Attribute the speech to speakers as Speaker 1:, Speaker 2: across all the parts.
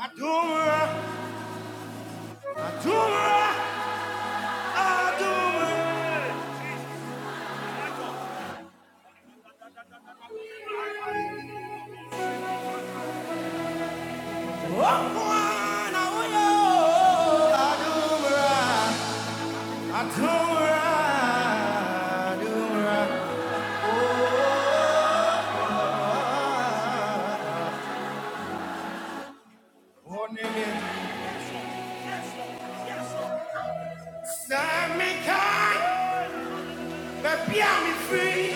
Speaker 1: Adumra, Adumra, Adumra, Adumra. Walk one, I will. I do right, do right. Oh, nigga. Serve me kind, but be on me free.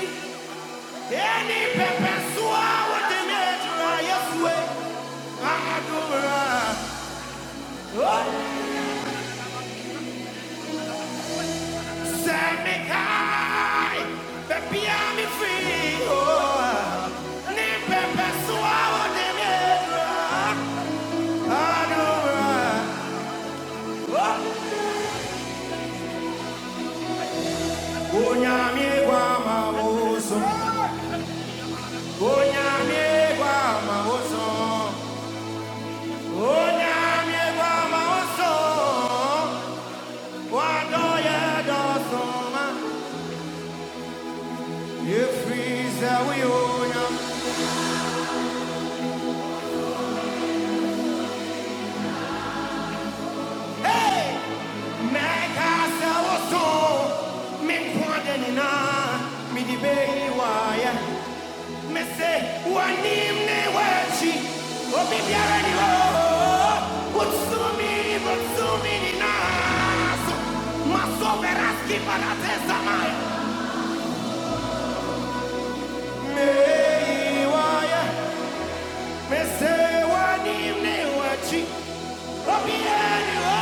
Speaker 1: Any pepper sour with the nature I just wait. I do right. Oh, serve me kind, but be on me free. Oh, any pepper sour with the nature I do right. onye amị gwa ma ụsọ onye amị gwa ma ụsọ onye amị gwa hey! meka sɛ woso me nkoade nyinaa mede bɛyi waayɛ mese wanimne wachi obibyarani wo utsumi butsumi ni naso masoveraski palatezamaya meiwaya mese wanimne wachi obiyani wo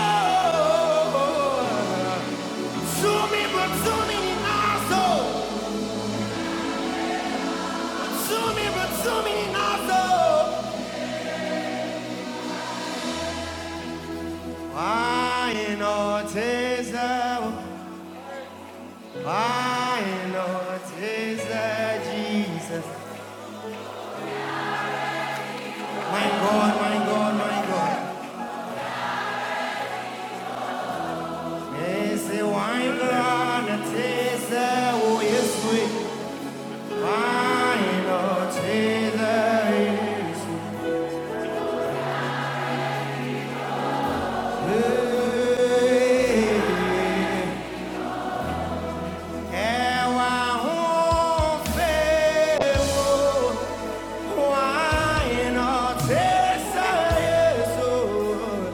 Speaker 1: Sumi but sumi naso. Sumi but sumi naso. Why not teza? My Lord is uh, Jesus. My God, my God, my God. Esse wine God is uh, oh yes we. My Lord is uh, Jesus. Ewa ho uh, Jesus.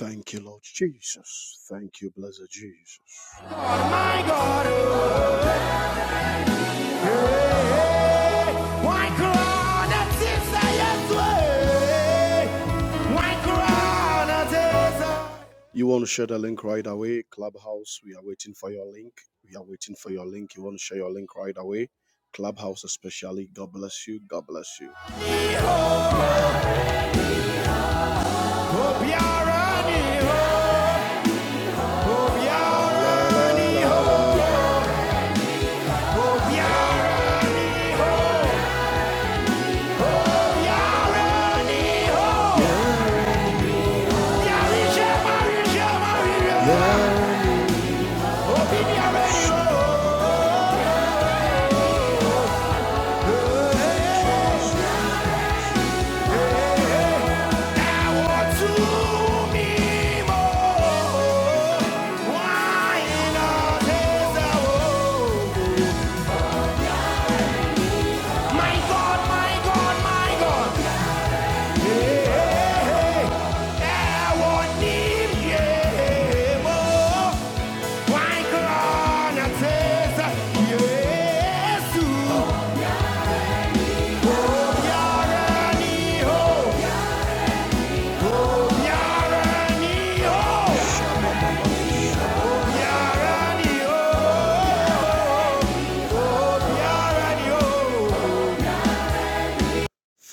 Speaker 1: Thank you, Lord Jesus. Thank you, blessed Jesus. Oh, My God, You want to share the link right away, Clubhouse. We are waiting for your link. We are waiting for your link. You want to share your link right away, Clubhouse, especially. God bless you. God bless you. Yeah. My God, my God, my God. Hey, yeah. Oh, yes, oh.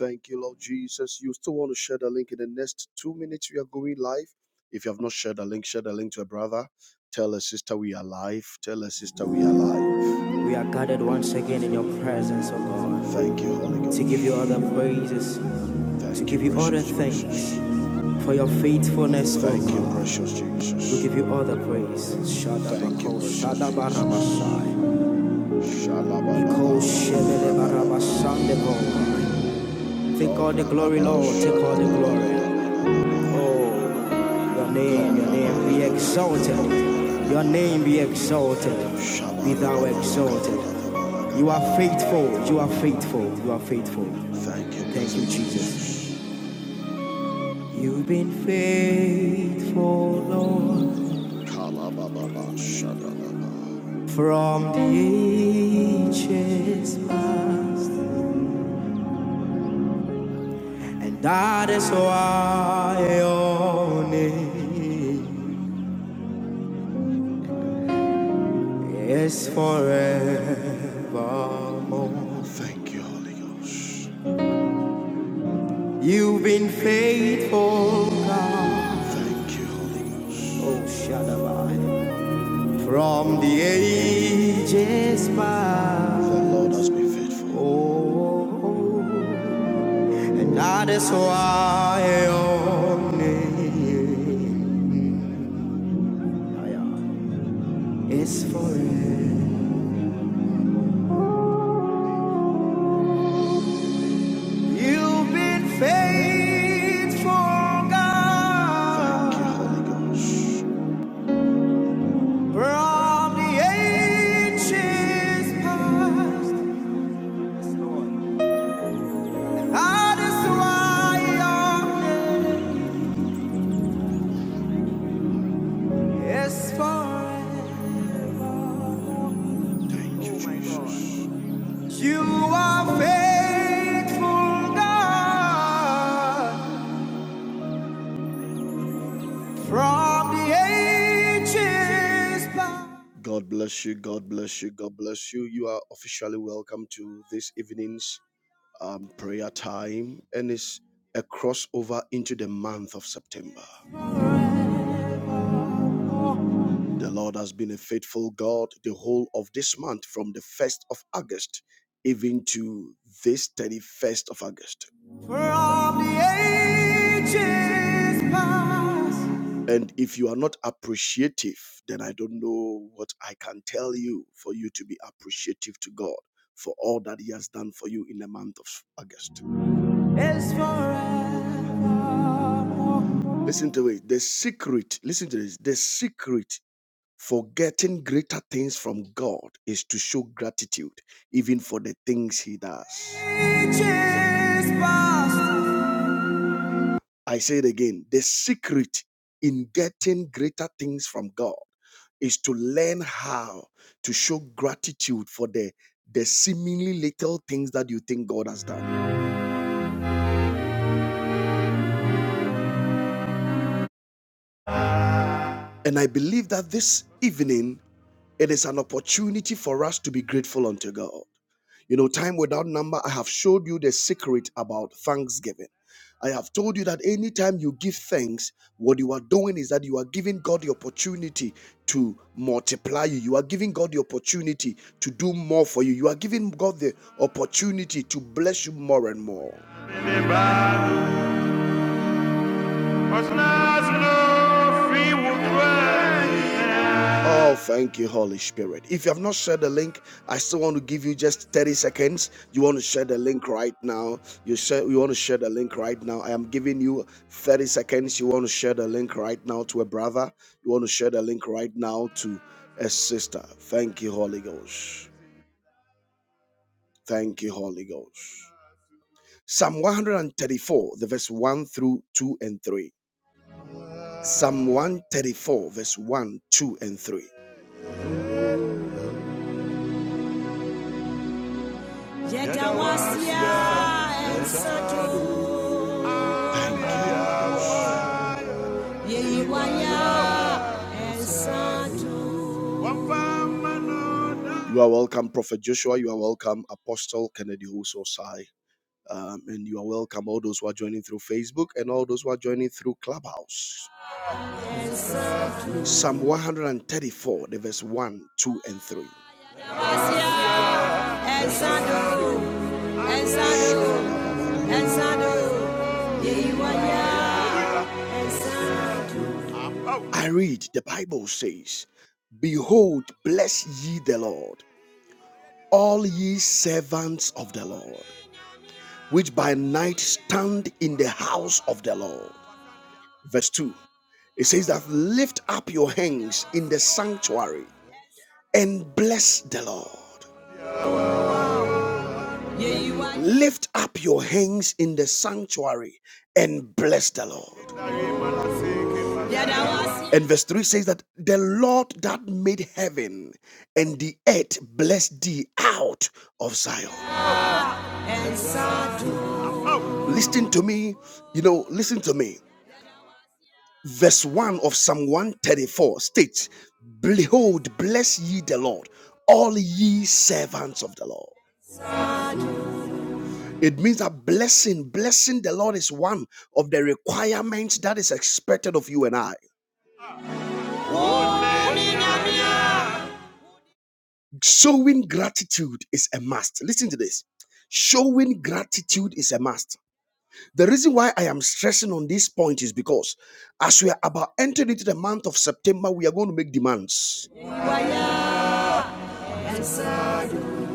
Speaker 1: Thank you, Lord Jesus. You still want to share the link in the next two minutes? We are going live. If you have not shared the link, share the link to a brother. Tell a sister we are live. Tell a sister we are live. We are gathered once again in your presence, O Lord, Thank you, Holy Ghost. to give you all the praises, to Thank you, give you all the thanks, for your faithfulness, O God. Thank you, precious Jesus. We give you all the praise. Thank you, Shadabako, precious Jesus. shadabarabasai. Take all the glory, Lord. Take all the glory. Oh, your name, your name be exalted. Your name be exalted. Be thou exalted. You are faithful. You are faithful. You are faithful. Thank you, Jesus. You've been faithful, Lord. from the ages past, and that is why your name is forevermore. Thank you, Holy Ghost. You've been faithful, God. Thank you, Holy Ghost. Oh, Shaddai. From the ages past, the Lord has been faithful. Oh, and that is why your name. It's forever. You've been faithful, God. Thank you, Holy Ghost. From the ages past, that is why your name is for it. Thank you, Oh Jesus. You are faithful, God. From the ages past. God bless you. God bless you. God bless you. You are officially welcome to this evening's um, prayer time, and it's a crossover into the month of September. The Lord has been a faithful God the whole of this month, from the 1st of August even to this 31st of August. From the ages past. And if you are not appreciative, then I don't know what I can tell you for you to be appreciative to God for all that He has done for you in the month of August. is forevermore. Listen to it. The secret, listen to this. The secret Forgetting greater things from God is to show gratitude even for the things He does. I say it again the secret in getting greater things from God is to learn how to show gratitude for the the seemingly little things that you think God has done. And I believe that this evening It is an opportunity for us to be grateful unto God. You know, time without number, I have showed you the secret about thanksgiving. I have told you that anytime you give thanks, what you are doing is that you are giving God the opportunity to multiply you. You are giving God the opportunity to do more for you. You are giving God the opportunity to bless you more and more. Anybody? Oh, thank you, Holy Spirit. If you have not shared the link, I still want to give you just 30 seconds. You want to share the link right now. You share, you want to share the link right now. I am giving you 30 seconds. You want to share the link right now to a brother. You want to share the link right now to a sister. Thank you, Holy Ghost. Thank you, Holy Ghost. Psalm 134, the verse 1 through 2 and 3. Psalm 134, verse 1, 2, and 3. Yet I was here, and so You are welcome, Prophet Joshua. You are welcome, Apostle Kennedy Ososai. Um, and you are welcome, all those who are joining through Facebook and all those who are joining through Clubhouse. Psalm 134, the verse 1, 2, and 3. I read, the Bible says, Behold, bless ye the Lord. all ye servants of the Lord, which by night stand in the house of the Lord. Verse 2 it says that lift up your hands in the sanctuary and bless the Lord. Yeah, Lift up your hands in the sanctuary and bless the Lord. Yeah, And verse 3 says that the Lord that made heaven and the earth bless thee out of Zion. Listen to me. You know, listen to me. Verse 1 of Psalm 134 states, Behold, bless ye the Lord, all ye servants of the Lord. It means that blessing, blessing the Lord is one of the requirements that is expected of you and I. Showing gratitude is a must. Listen to this. Showing gratitude is a must. The reason why I am stressing on this point is because as we are about entering into the month of September, we are going to make demands.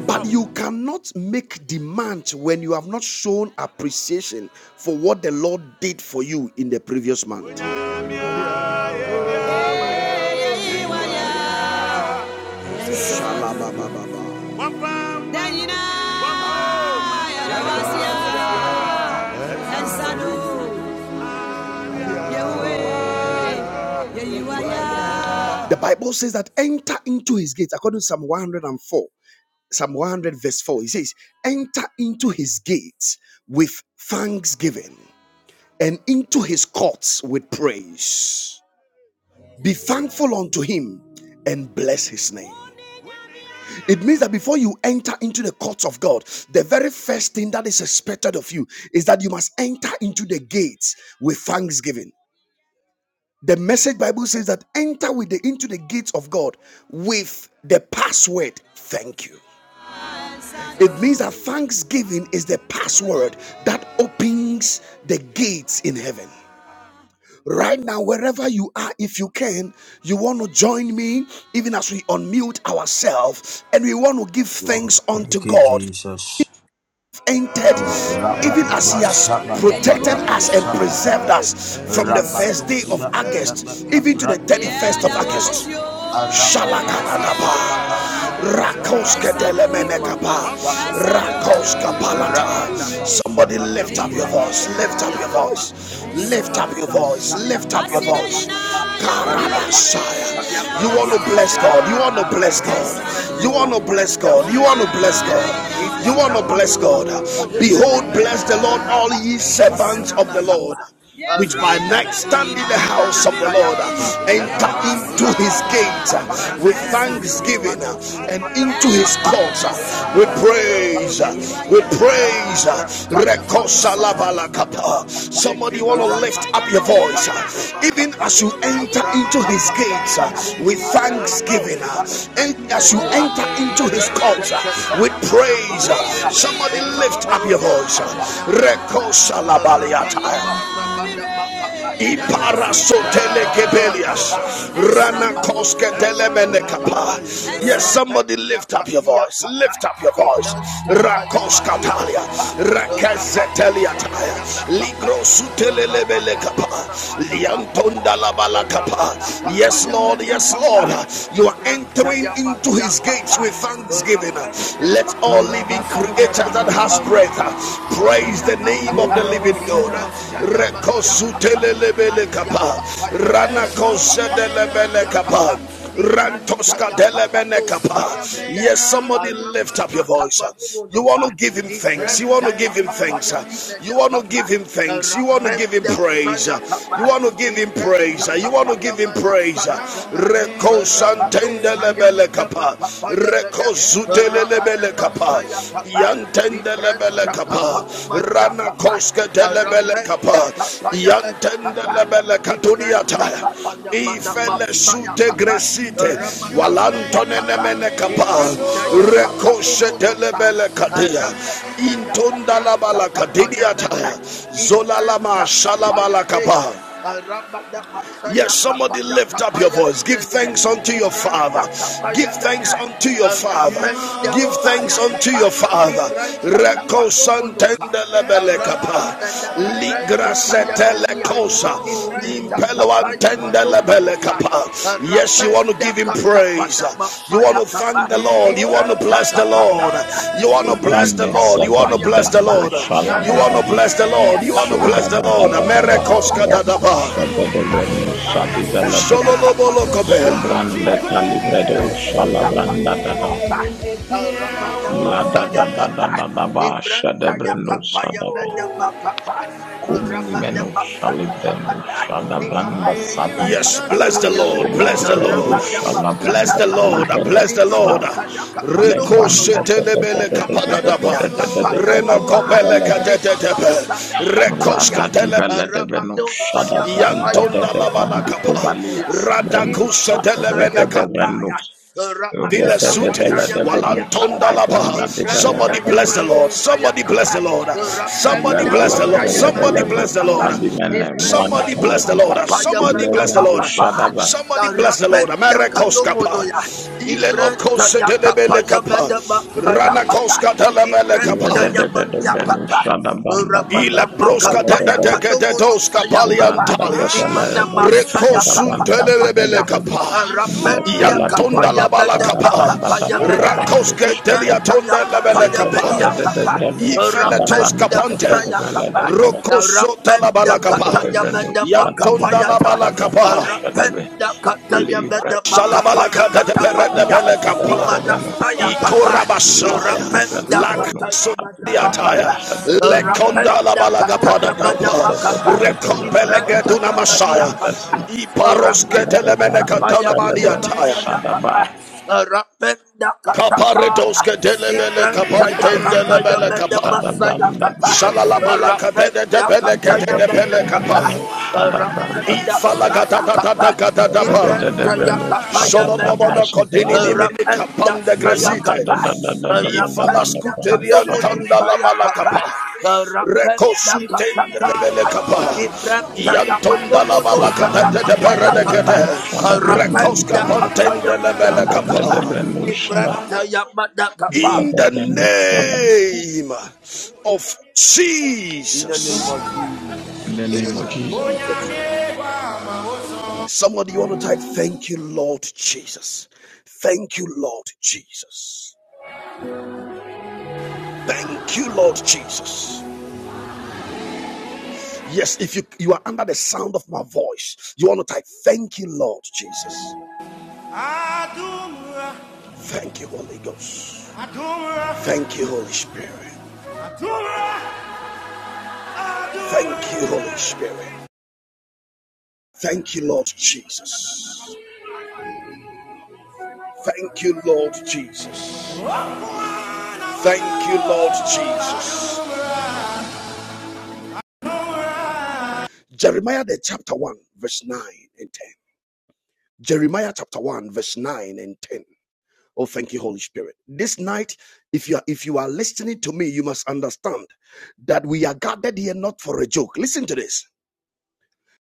Speaker 1: But you cannot make demands when you have not shown appreciation for what the Lord did for you in the previous month. Shalabababa. The Bible says that enter into his gates, according to Psalm 104, Psalm 100, verse 4. He says, Enter into his gates with thanksgiving and into his courts with praise. Be thankful unto him and bless his name. It means that before you enter into the courts of God, the very first thing that is expected of you is that you must enter into the gates with thanksgiving. The message Bible says that enter with the into the gates of God with the password thank you. It means that thanksgiving is the password that opens the gates in heaven. Right now, wherever you are, if you can, you want to join me, even as we unmute ourselves and we want to give
Speaker 2: Oh,
Speaker 1: thanks
Speaker 2: thank
Speaker 1: unto
Speaker 2: you,
Speaker 1: God
Speaker 2: Jesus.
Speaker 1: entered,
Speaker 2: Oh, rabba
Speaker 1: even as He
Speaker 2: dabba
Speaker 1: has
Speaker 2: shabba dabba
Speaker 1: protected
Speaker 2: dabba
Speaker 1: us and
Speaker 2: shabba
Speaker 1: preserved
Speaker 2: dabba.
Speaker 1: us from the
Speaker 2: Rabba
Speaker 1: first
Speaker 2: do
Speaker 1: day of
Speaker 2: shabba dabba
Speaker 1: August, even to the
Speaker 2: kabran
Speaker 1: 31st of
Speaker 2: dabba
Speaker 1: August. Shalakadadaba.
Speaker 2: Arabadabasabadabadia
Speaker 1: Rakoska
Speaker 2: Imanu
Speaker 1: delemenekapa.
Speaker 2: saya Bedebe
Speaker 1: Rakoska palata. Somebody lift up your voice.
Speaker 2: Rabadabasabadabakapaya
Speaker 1: Lift up
Speaker 2: Bedia
Speaker 1: your
Speaker 2: Kapa
Speaker 1: voice. Lift up your
Speaker 2: Ikanda
Speaker 1: voice.
Speaker 2: saya
Speaker 1: Lift up your voice.
Speaker 2: Arabadabasabadabiyakapata. Imanusayabedebe. Rabadabasabadabakapayabediyakapa. Ikandasayadabadabadaba.
Speaker 1: Karabashaya. You want to bless
Speaker 2: Arabadusayabadiyakapa.
Speaker 1: God. You want to bless God. You want to bless God. You want to bless
Speaker 2: Arabadimenekapandasayabede.
Speaker 1: God. You want to bless God. Behold,
Speaker 2: Ibadabadabakapayabedebe.
Speaker 1: bless the Lord, all ye
Speaker 2: saya
Speaker 1: servants of the Lord. Which by night stand in the house of the Lord,
Speaker 2: Arapendakadimenesayadaba.
Speaker 1: enter into his
Speaker 2: Rapanda
Speaker 1: gates
Speaker 2: makapa ya
Speaker 1: with
Speaker 2: mede.
Speaker 1: thanksgiving
Speaker 2: Imada
Speaker 1: and
Speaker 2: samada
Speaker 1: into his
Speaker 2: makapa.
Speaker 1: courts with
Speaker 2: Rapanda
Speaker 1: praise,
Speaker 2: kapa ya mede.
Speaker 1: with
Speaker 2: be.
Speaker 1: praise.
Speaker 2: Ibrata ya mada basamada
Speaker 1: Rekosalabalakapa.
Speaker 2: makapa.
Speaker 1: Somebody want to lift up
Speaker 2: Rabada
Speaker 1: your voice.
Speaker 2: basamada
Speaker 1: uh, Even
Speaker 2: makapa.
Speaker 1: as you enter into
Speaker 2: Ibranta
Speaker 1: his
Speaker 2: kapa
Speaker 1: gates uh,
Speaker 2: ya.
Speaker 1: with
Speaker 2: Aramado
Speaker 1: thanksgiving. uh,
Speaker 2: saya na
Speaker 1: And as you
Speaker 2: imene ya.
Speaker 1: enter into his
Speaker 2: Ibranta
Speaker 1: courts uh,
Speaker 2: kapa
Speaker 1: with
Speaker 2: ya mada
Speaker 1: praise. uh,
Speaker 2: basaya.
Speaker 1: Somebody lift up your
Speaker 2: Rapanda
Speaker 1: voice.
Speaker 2: kapa ya
Speaker 1: uh,
Speaker 2: mede. be. Rabada
Speaker 1: Rekosalabaliata.
Speaker 2: basamada makapa. Ibranta ya mania
Speaker 1: Iparasotelegebelias.
Speaker 2: kapa. Rabado Sabada Makapa,
Speaker 1: Ranakosketelemenekapa. Yes, somebody
Speaker 2: Rapenda
Speaker 1: lift up your
Speaker 2: Kadia
Speaker 1: voice.
Speaker 2: Kapa,
Speaker 1: Lift up your voice.
Speaker 2: Ibran Tataya Madia
Speaker 1: Rakoskatalia.
Speaker 2: Kapa, Rabado
Speaker 1: Rakezeteliataya.
Speaker 2: Sabada Makapa, Rabada
Speaker 1: Ligrosutelelebelekapa.
Speaker 2: Masamada Makapa,
Speaker 1: Liantondalabalakapa.
Speaker 2: Ramana
Speaker 1: Yes,
Speaker 2: Kapaya
Speaker 1: Lord.
Speaker 2: Meda
Speaker 1: Yes,
Speaker 2: Kapa,
Speaker 1: Lord. You are
Speaker 2: Ibran
Speaker 1: entering
Speaker 2: Taya
Speaker 1: into
Speaker 2: Madia
Speaker 1: his
Speaker 2: Kapa,
Speaker 1: gates with thanksgiving.
Speaker 2: Rapenda
Speaker 1: Let all
Speaker 2: Kapaya
Speaker 1: living
Speaker 2: Meda
Speaker 1: creatures
Speaker 2: Kapa,
Speaker 1: that have last breath. uh,
Speaker 2: Rabado
Speaker 1: Praise
Speaker 2: Sabada
Speaker 1: the name of the
Speaker 2: Makapa,
Speaker 1: living God.
Speaker 2: Ibran Taya Madia Capa.
Speaker 1: Rekosutelelebele kapa. Rana kosedelebele kapa.
Speaker 2: Ibrahim
Speaker 1: Rantoska
Speaker 2: ya kapa
Speaker 1: delebene
Speaker 2: do
Speaker 1: kapa.
Speaker 2: saya bede
Speaker 1: Yes, somebody lift up your
Speaker 2: aramana
Speaker 1: voice.
Speaker 2: kapa do
Speaker 1: You
Speaker 2: mono sa
Speaker 1: want to give him thanks.
Speaker 2: Ibrahim
Speaker 1: You want to
Speaker 2: ya
Speaker 1: give him
Speaker 2: kapa
Speaker 1: thanks.
Speaker 2: ya dine
Speaker 1: You
Speaker 2: ya
Speaker 1: want to
Speaker 2: kapa
Speaker 1: give him thanks. You want to give him
Speaker 2: rapenda
Speaker 1: praise.
Speaker 2: saya
Speaker 1: You
Speaker 2: kapa
Speaker 1: want to give him
Speaker 2: Ibrahim ya
Speaker 1: praise. You want
Speaker 2: kapa
Speaker 1: to
Speaker 2: da
Speaker 1: give him
Speaker 2: mana
Speaker 1: praise.
Speaker 2: saya bede Rabado
Speaker 1: Rekosantende
Speaker 2: saya
Speaker 1: lebele
Speaker 2: bede
Speaker 1: kapa
Speaker 2: kapa ya bede
Speaker 1: rekozute
Speaker 2: Rabada
Speaker 1: lebele kapa
Speaker 2: saya kapa
Speaker 1: yantende
Speaker 2: Ibrahim
Speaker 1: lebele
Speaker 2: ya kapa
Speaker 1: kapa
Speaker 2: ya
Speaker 1: rana koske lebele
Speaker 2: Arapenda
Speaker 1: kapa
Speaker 2: kapa ya meda
Speaker 1: yantende
Speaker 2: kapa.
Speaker 1: lebele katunia
Speaker 2: Ibranta
Speaker 1: taya
Speaker 2: kapa ya mada
Speaker 1: ifele
Speaker 2: masaya
Speaker 1: sute
Speaker 2: kapa.
Speaker 1: gresite
Speaker 2: Ramada saya
Speaker 1: walantone
Speaker 2: kapa.
Speaker 1: nemene kapa
Speaker 2: Ibranta ya kapa
Speaker 1: rekoshe
Speaker 2: numunusa.
Speaker 1: telebele kadia
Speaker 2: Aramedi meda
Speaker 1: intonda
Speaker 2: kabranta
Speaker 1: labala
Speaker 2: kapa ya
Speaker 1: kadidia
Speaker 2: meda.
Speaker 1: taya zola lama
Speaker 2: Ibranta kapa ya
Speaker 1: shalabala
Speaker 2: teya.
Speaker 1: kapa
Speaker 2: Aramada masaya
Speaker 1: Yes,
Speaker 2: kapa
Speaker 1: somebody
Speaker 2: ya
Speaker 1: lift up
Speaker 2: kapa
Speaker 1: your
Speaker 2: ya
Speaker 1: voice. Give
Speaker 2: nimene.
Speaker 1: thanks unto your Father.
Speaker 2: Ibranta kapa
Speaker 1: Give
Speaker 2: ya
Speaker 1: thanks
Speaker 2: meda.
Speaker 1: unto your Father.
Speaker 2: Arapenda
Speaker 1: Give thanks
Speaker 2: saya
Speaker 1: unto
Speaker 2: kapa.
Speaker 1: your Father.
Speaker 2: Ibranta kapa
Speaker 1: Reko
Speaker 2: numunusa.
Speaker 1: santende lebele
Speaker 2: Arabani
Speaker 1: kapa.
Speaker 2: mena kabrenta
Speaker 1: Ligra
Speaker 2: taya
Speaker 1: sete
Speaker 2: menia.
Speaker 1: lekosa.
Speaker 2: Ibrenta
Speaker 1: Impelo
Speaker 2: kapaya
Speaker 1: antende lebele
Speaker 2: manurusa.
Speaker 1: kapa. Yes, you want to
Speaker 2: Arapenda
Speaker 1: give him
Speaker 2: kata
Speaker 1: praise.
Speaker 2: wana
Speaker 1: You want
Speaker 2: masaya
Speaker 1: to thank
Speaker 2: kapa.
Speaker 1: the Lord. You want to
Speaker 2: Ibrenta
Speaker 1: bless the Lord.
Speaker 2: kapataya.
Speaker 1: You want to bless the
Speaker 3: Shubande
Speaker 2: Ibrenta
Speaker 1: Lord. You want to
Speaker 2: kapaya
Speaker 3: sevelede
Speaker 1: bless the
Speaker 2: kapa.
Speaker 3: bedo
Speaker 1: Lord. You want
Speaker 3: shalabada
Speaker 1: to
Speaker 2: Arabana
Speaker 1: bless the Lord.
Speaker 2: mania
Speaker 1: You want to
Speaker 2: kapa.
Speaker 3: shuda
Speaker 1: bless the
Speaker 3: da da
Speaker 1: Lord.
Speaker 3: da da ba
Speaker 2: Imanusa
Speaker 1: Merekoska
Speaker 2: ya
Speaker 3: redu
Speaker 2: kapa
Speaker 1: tadaba.
Speaker 3: shede de
Speaker 2: numuno ya.
Speaker 3: brenu sadi velede
Speaker 2: Arapenda
Speaker 3: be
Speaker 2: kapa
Speaker 1: Sholobolokobe.
Speaker 2: nuko ya.
Speaker 3: subrande talibredo
Speaker 2: Ibrenta
Speaker 3: shalabranda da
Speaker 2: kapataya
Speaker 3: da
Speaker 2: kapa. Arabana
Speaker 3: la da da
Speaker 2: masaya
Speaker 3: da da
Speaker 2: kapa.
Speaker 3: da da ba shede
Speaker 2: Ibranta
Speaker 3: brenu
Speaker 2: yakapa
Speaker 3: sadaba
Speaker 2: yamada makapa.
Speaker 3: kumini
Speaker 2: Rabada
Speaker 3: menu
Speaker 2: masaya
Speaker 3: shalibrenu
Speaker 2: kapata.
Speaker 3: shadabranda
Speaker 2: Imada
Speaker 3: sadi
Speaker 2: saya
Speaker 1: Yes, bless
Speaker 2: kapata
Speaker 1: the
Speaker 2: yame.
Speaker 1: Lord,
Speaker 3: sulla di
Speaker 1: bless the
Speaker 3: brenu
Speaker 1: Lord,
Speaker 2: Rabada
Speaker 1: bless
Speaker 2: masaya
Speaker 3: shalabranda
Speaker 1: the
Speaker 2: kapa.
Speaker 1: Lord,
Speaker 3: talibredo
Speaker 1: bless the
Speaker 2: Imada
Speaker 1: Lord.
Speaker 3: shal
Speaker 2: saya kapa
Speaker 3: le
Speaker 1: Reko
Speaker 2: dumuno
Speaker 3: brande da
Speaker 2: ya.
Speaker 3: da da
Speaker 1: shetelebele
Speaker 3: da da da da da
Speaker 1: kapadadaba,
Speaker 2: Rapenda
Speaker 3: da da da
Speaker 2: kapa
Speaker 3: da
Speaker 2: ya
Speaker 3: da da
Speaker 1: reno
Speaker 2: kapa.
Speaker 3: da da
Speaker 1: kopele
Speaker 3: da da
Speaker 2: Imada
Speaker 1: katetetepe,
Speaker 2: saya kapa ya.
Speaker 3: Rada
Speaker 1: rekoska
Speaker 3: divele de veno
Speaker 2: Rabado
Speaker 3: shada
Speaker 2: saya kapa
Speaker 3: banda de
Speaker 2: yame
Speaker 1: yantonda
Speaker 3: de
Speaker 2: yame
Speaker 1: labana
Speaker 3: vandi
Speaker 1: kapa,
Speaker 2: kadumuno
Speaker 3: kovalia
Speaker 2: ya.
Speaker 3: sebelo fa
Speaker 2: Imanu
Speaker 3: rede
Speaker 2: saya
Speaker 1: radakusa
Speaker 3: de veno
Speaker 2: kapaya,
Speaker 1: Vile
Speaker 3: rede
Speaker 2: Ramadama
Speaker 3: de
Speaker 1: sute,
Speaker 3: vele de
Speaker 2: kataya
Speaker 3: veno
Speaker 2: madia
Speaker 1: walantonda
Speaker 3: shada
Speaker 1: laba.
Speaker 3: banda de vele
Speaker 2: Ibranda
Speaker 3: de
Speaker 1: Somebody
Speaker 2: ya
Speaker 3: veno
Speaker 1: bless the Lord.
Speaker 2: manusa ya
Speaker 1: Somebody bless the
Speaker 2: kapa.
Speaker 1: Lord. Somebody
Speaker 3: lele
Speaker 2: Rapenda
Speaker 1: bless the
Speaker 3: lele
Speaker 2: kata
Speaker 1: Lord.
Speaker 2: ya
Speaker 3: lele
Speaker 1: Somebody
Speaker 3: lele
Speaker 2: madama
Speaker 1: bless the
Speaker 2: kapa.
Speaker 1: Lord.
Speaker 3: bandi mene mwani
Speaker 2: Ibranda
Speaker 1: Somebody
Speaker 2: ya
Speaker 3: tele
Speaker 1: bless the Lord.
Speaker 2: makapa ya
Speaker 1: Somebody
Speaker 3: lele
Speaker 1: bless the
Speaker 2: madama
Speaker 3: veno
Speaker 1: Lord.
Speaker 2: kapa.
Speaker 3: shada ba
Speaker 1: Somebody bless the Lord.
Speaker 2: Rapenda kadomono
Speaker 1: Marekoskapa.
Speaker 2: ya. Ibranda
Speaker 1: Ilelokose
Speaker 2: ya
Speaker 1: delebele
Speaker 2: kapa ya
Speaker 1: kapa.
Speaker 2: madama sa ya kapa.
Speaker 1: Ranakoska delebele
Speaker 2: Ibranda
Speaker 1: kapa.
Speaker 2: ya madia kapa.
Speaker 1: Ila
Speaker 2: Ramadama
Speaker 1: broska
Speaker 2: kapa
Speaker 1: te te
Speaker 2: ya
Speaker 1: te te te
Speaker 2: kadomono sa
Speaker 1: toska
Speaker 2: ya kapa.
Speaker 1: paliantalias.
Speaker 2: Imanama sa
Speaker 1: Reko
Speaker 2: ya kapa
Speaker 1: suntelebele
Speaker 2: tapadia.
Speaker 1: kapa.
Speaker 2: Rapenda kapa
Speaker 1: Yantonda
Speaker 2: ya
Speaker 1: la bala kapa.
Speaker 2: madama mada.
Speaker 1: Rakoske
Speaker 2: Ibranta
Speaker 1: teliatonda
Speaker 2: yakapa
Speaker 1: lebele
Speaker 2: ya meni
Speaker 1: kapa.
Speaker 2: yakapa.
Speaker 1: Ifele toska
Speaker 2: Rapenda
Speaker 1: pante.
Speaker 2: sayakapa.
Speaker 1: Roko
Speaker 3: Libra
Speaker 1: la
Speaker 2: Rapenda
Speaker 1: bala
Speaker 2: kata
Speaker 1: kapa.
Speaker 2: ya mena makapa
Speaker 1: Yantonda la
Speaker 2: yata.
Speaker 1: bala kapa.
Speaker 2: Rapenda kataya ya mena makapa ya
Speaker 1: Shalabalaka de de
Speaker 2: kata
Speaker 1: pere de
Speaker 2: pania.
Speaker 1: pele kapa.
Speaker 2: Imana sayakapa.
Speaker 3: Shada
Speaker 1: Ikorabashaya.
Speaker 2: Rapenda
Speaker 1: Lak
Speaker 2: kata ya mena makapa.
Speaker 1: Ataya lekonda la
Speaker 2: Rapenda
Speaker 1: balaga
Speaker 2: kataya
Speaker 1: pada
Speaker 2: ya mena
Speaker 1: dapa
Speaker 2: makapa.
Speaker 1: rekopelege
Speaker 2: Ibranta
Speaker 1: duna
Speaker 2: ya meni
Speaker 1: masaya
Speaker 2: yakapa.
Speaker 1: iparos
Speaker 2: Rapenda
Speaker 1: ketelemene
Speaker 2: makapa ya
Speaker 1: katana mani
Speaker 2: mena
Speaker 1: ataya
Speaker 2: masayakapa. Rapenda
Speaker 1: kaparetos
Speaker 2: katataya.
Speaker 1: ketelemene
Speaker 2: Ibranta ya
Speaker 1: kapantendele
Speaker 2: kapa ya
Speaker 1: bele
Speaker 2: mede
Speaker 1: kapa
Speaker 2: masa ya kapa.
Speaker 1: shalala balaka tete
Speaker 2: Rapenda
Speaker 1: tepele
Speaker 2: kata
Speaker 1: kete
Speaker 2: ya
Speaker 1: tepele kapa
Speaker 2: Rapenda
Speaker 1: ifala gata
Speaker 2: saya
Speaker 1: tata
Speaker 2: kapa.
Speaker 1: tata tata pa
Speaker 2: Ibranta ya kapa ya
Speaker 1: Solomon
Speaker 2: mede.
Speaker 1: Kodini mini
Speaker 2: Rapenda
Speaker 1: kapanda
Speaker 2: saya
Speaker 1: gresite.
Speaker 2: kapa. Rapenda
Speaker 1: Ifalaskuterian
Speaker 2: kadumu
Speaker 1: tanda la
Speaker 2: saya kapa.
Speaker 1: balakapa.
Speaker 2: Rapenda
Speaker 1: Rekosuntende de
Speaker 2: katataya.
Speaker 1: belekapa.
Speaker 2: Ibranta ya
Speaker 1: Iantonda la
Speaker 2: madomo no
Speaker 1: balakata
Speaker 2: saya
Speaker 1: de
Speaker 2: kapa ya kapa.
Speaker 1: peredekete. Rekoska
Speaker 2: rapenda kata
Speaker 1: pantende
Speaker 2: ya
Speaker 1: de
Speaker 2: meda kapa.
Speaker 1: belekapa.
Speaker 3: Abracadabra, Shala,
Speaker 2: Ibranta ya mada kapa.
Speaker 1: In the
Speaker 3: Lagabra, Shala.
Speaker 1: name of
Speaker 2: In the name
Speaker 1: Jesus.
Speaker 2: of Jesus.
Speaker 3: In the
Speaker 2: In the
Speaker 3: name of
Speaker 2: name of
Speaker 3: Jesus.
Speaker 2: Jesus.
Speaker 1: Somebody, you want to type, Thank you, Lord Jesus. Thank you, Lord Jesus. Thank you, Lord Jesus. Yes, if you, you are under the sound of my voice, you want to type, Thank you, Lord Jesus. Adumra, Thank you, Holy Ghost. Adumra, Thank you, Holy Spirit. Adumra, Thank you, Holy Spirit. Thank you, Lord Jesus. Thank you, Lord Jesus. Thank you, Lord Jesus. Jeremiah, the chapter 1, verse 9 and 10. Jeremiah, chapter 1, verse 9 and 10. Oh, thank you, Holy Spirit. This night, if you are if you are listening to me, you must understand that we are gathered here not for a joke. Listen to this.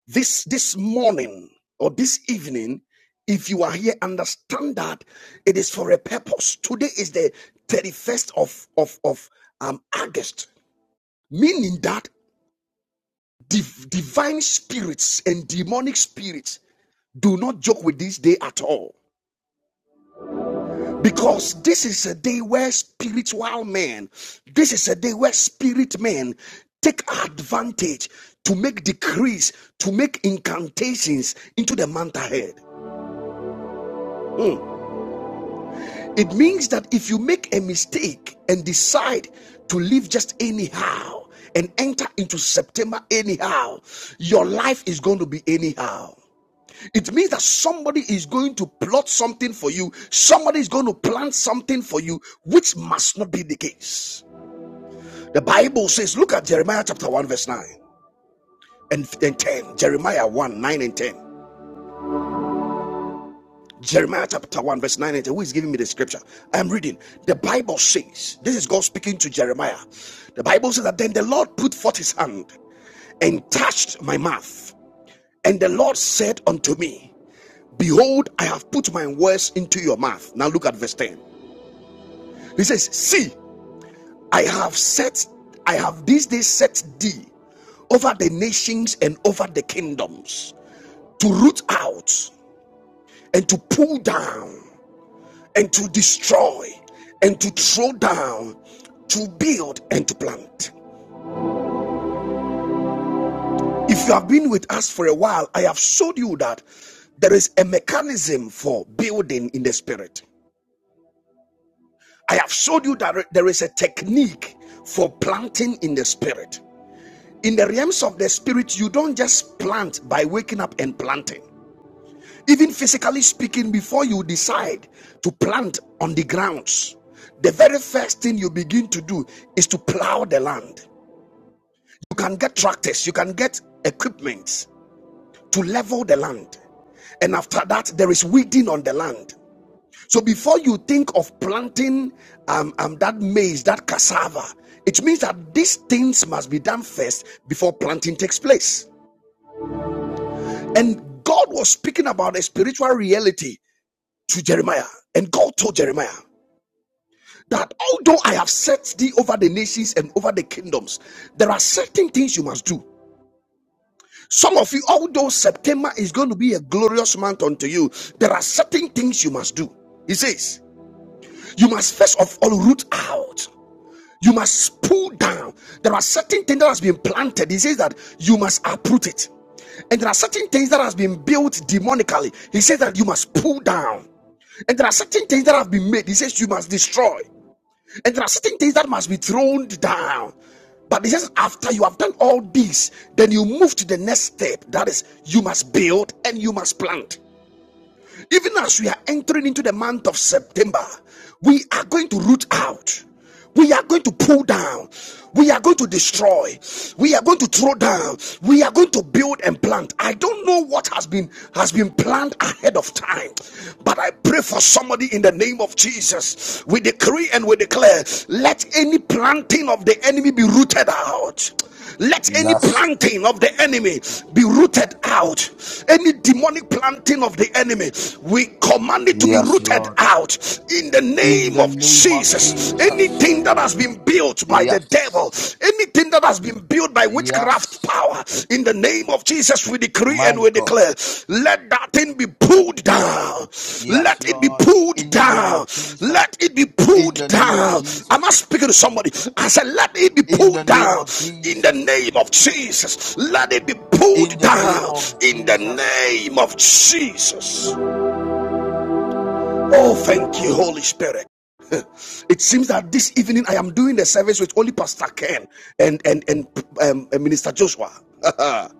Speaker 1: This this morning or this evening, if you are here, understand that it is for a purpose. Today is the 31st of of, of um August, meaning that div- divine spirits and demonic spirits do not joke with this day at all. Because this is a day where spiritual men, this is a day where spirit men take advantage to make decrees, to make incantations into the month ahead. Mm. It means that if you make a mistake and decide to live just anyhow and enter into September anyhow, your life is going to be anyhow. It means that somebody is going to plot something for you, somebody is going to plan something for you, which must not be the case. The Bible says, look at Jeremiah chapter 1, verse 9 and, and 10. Jeremiah 1, 9 and 10. Jeremiah chapter 1, verse 9 and 10. Who is giving me the scripture? I am reading. The Bible says, this is God speaking to Jeremiah. The Bible says that then the Lord put forth his hand and touched my mouth. And the Lord said unto me, Behold, I have put my words into your mouth. Now look at verse 10. He says, See, I have set, I have this day set thee over the nations and over the kingdoms to root out and to pull down and to destroy and to throw down, to build and to plant. If you have been with us for a while, I have showed you that there is a mechanism for building in the spirit. I have showed you that there is a technique for planting in the spirit. In the realms of the spirit, you don't just plant by waking up and planting. Even physically speaking, before you decide to plant on the grounds, the very first thing you begin to do is to plow the land. You can get tractors, you can get equipment to level the land. And after that, there is weeding on the land. So before you think of planting um, um, that maize, that cassava, it means that these things must be done first before planting takes place. And God was speaking about a spiritual reality to Jeremiah. And God told Jeremiah that although I have set thee over the nations and over the kingdoms, there are certain things you must do. Some of you, although September is going to be a glorious month unto you, there are certain things you must do. He says, You must first of all root out. You must pull down. There are certain things that has been planted. He says that you must uproot it. And there are certain things that has been built demonically. He says that you must pull down. And there are certain things that have been made. He says you must destroy. And there are certain things that must be thrown down. But it says, after you have done all this, then you move to the next step. That is, you must build and you must plant. Even as we are entering into the month of September, we are going to root out. We are going to pull down. We are going to destroy. We are going to throw down. We are going to build and plant. I don't know what has been has been planned ahead of time, but I pray for somebody in the name of Jesus. We decree and we declare, let any planting of the enemy be rooted out. Let any
Speaker 2: Yes.
Speaker 1: planting of the enemy be rooted out. Any demonic planting of the enemy, we command it to be
Speaker 2: Yes,
Speaker 1: rooted
Speaker 2: Lord.
Speaker 1: out in the
Speaker 2: In
Speaker 1: name
Speaker 2: the
Speaker 1: of
Speaker 2: name of
Speaker 1: Jesus.
Speaker 2: Jesus.
Speaker 1: Anything that has been built by the devil,
Speaker 2: Yes.
Speaker 1: anything that has been built by witchcraft
Speaker 2: Yes.
Speaker 1: power, in the name of Jesus, we we decree and
Speaker 2: My
Speaker 1: we
Speaker 2: God.
Speaker 1: declare, let that thing be pulled down.
Speaker 2: Yes,
Speaker 1: Let it be
Speaker 2: Lord.
Speaker 1: pulled
Speaker 2: In the name of
Speaker 1: down.
Speaker 2: Jesus.
Speaker 1: Let it be
Speaker 2: In
Speaker 1: pulled
Speaker 2: the name of
Speaker 1: down. Am I
Speaker 2: Jesus.
Speaker 1: speaking to somebody? I said, let it be
Speaker 2: In the
Speaker 1: pulled
Speaker 2: name
Speaker 1: down
Speaker 2: of
Speaker 1: in the
Speaker 2: Jesus.
Speaker 1: name of Jesus. Let it be
Speaker 2: In
Speaker 1: pulled
Speaker 2: the name
Speaker 1: down
Speaker 2: of
Speaker 1: in the
Speaker 2: Jesus.
Speaker 1: name of Jesus. Oh, thank you, Holy Spirit. It seems that this evening I am doing the service with only Pastor Ken and and and um, Minister Joshua.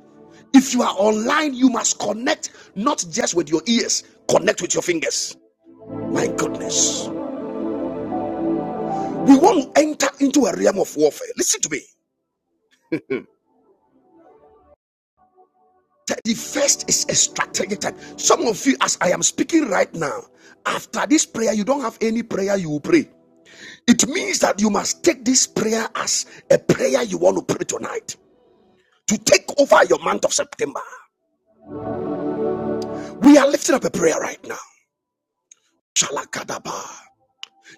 Speaker 1: if you are online, you must connect not just with your ears, connect with your fingers. My goodness, we want to enter into a realm of warfare. Listen to me. The first is a strategic type. Some of you, as I am speaking right now, after this prayer, you don't have any prayer you will pray. It means that you must take this prayer as a prayer you want to pray tonight to take over your month of September. We are lifting up a prayer right now. Shalakadaba.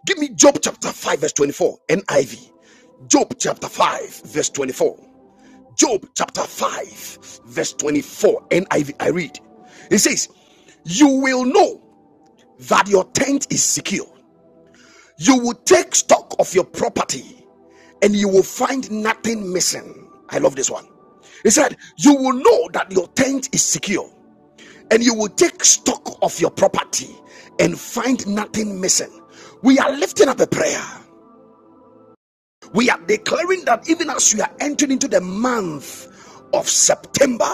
Speaker 1: Give me Job chapter 5, verse 24, NIV. Job chapter 5, verse 24. Job chapter 5, verse 24, NIV. I V. I read. It says, You will know that your tent is secure. You will take stock of your property and you will find nothing missing. I love this one. He said, You will know that your tent is secure, and you will take stock of your property and find nothing missing. We are lifting up a prayer we are declaring that even as we are entering into the month of September,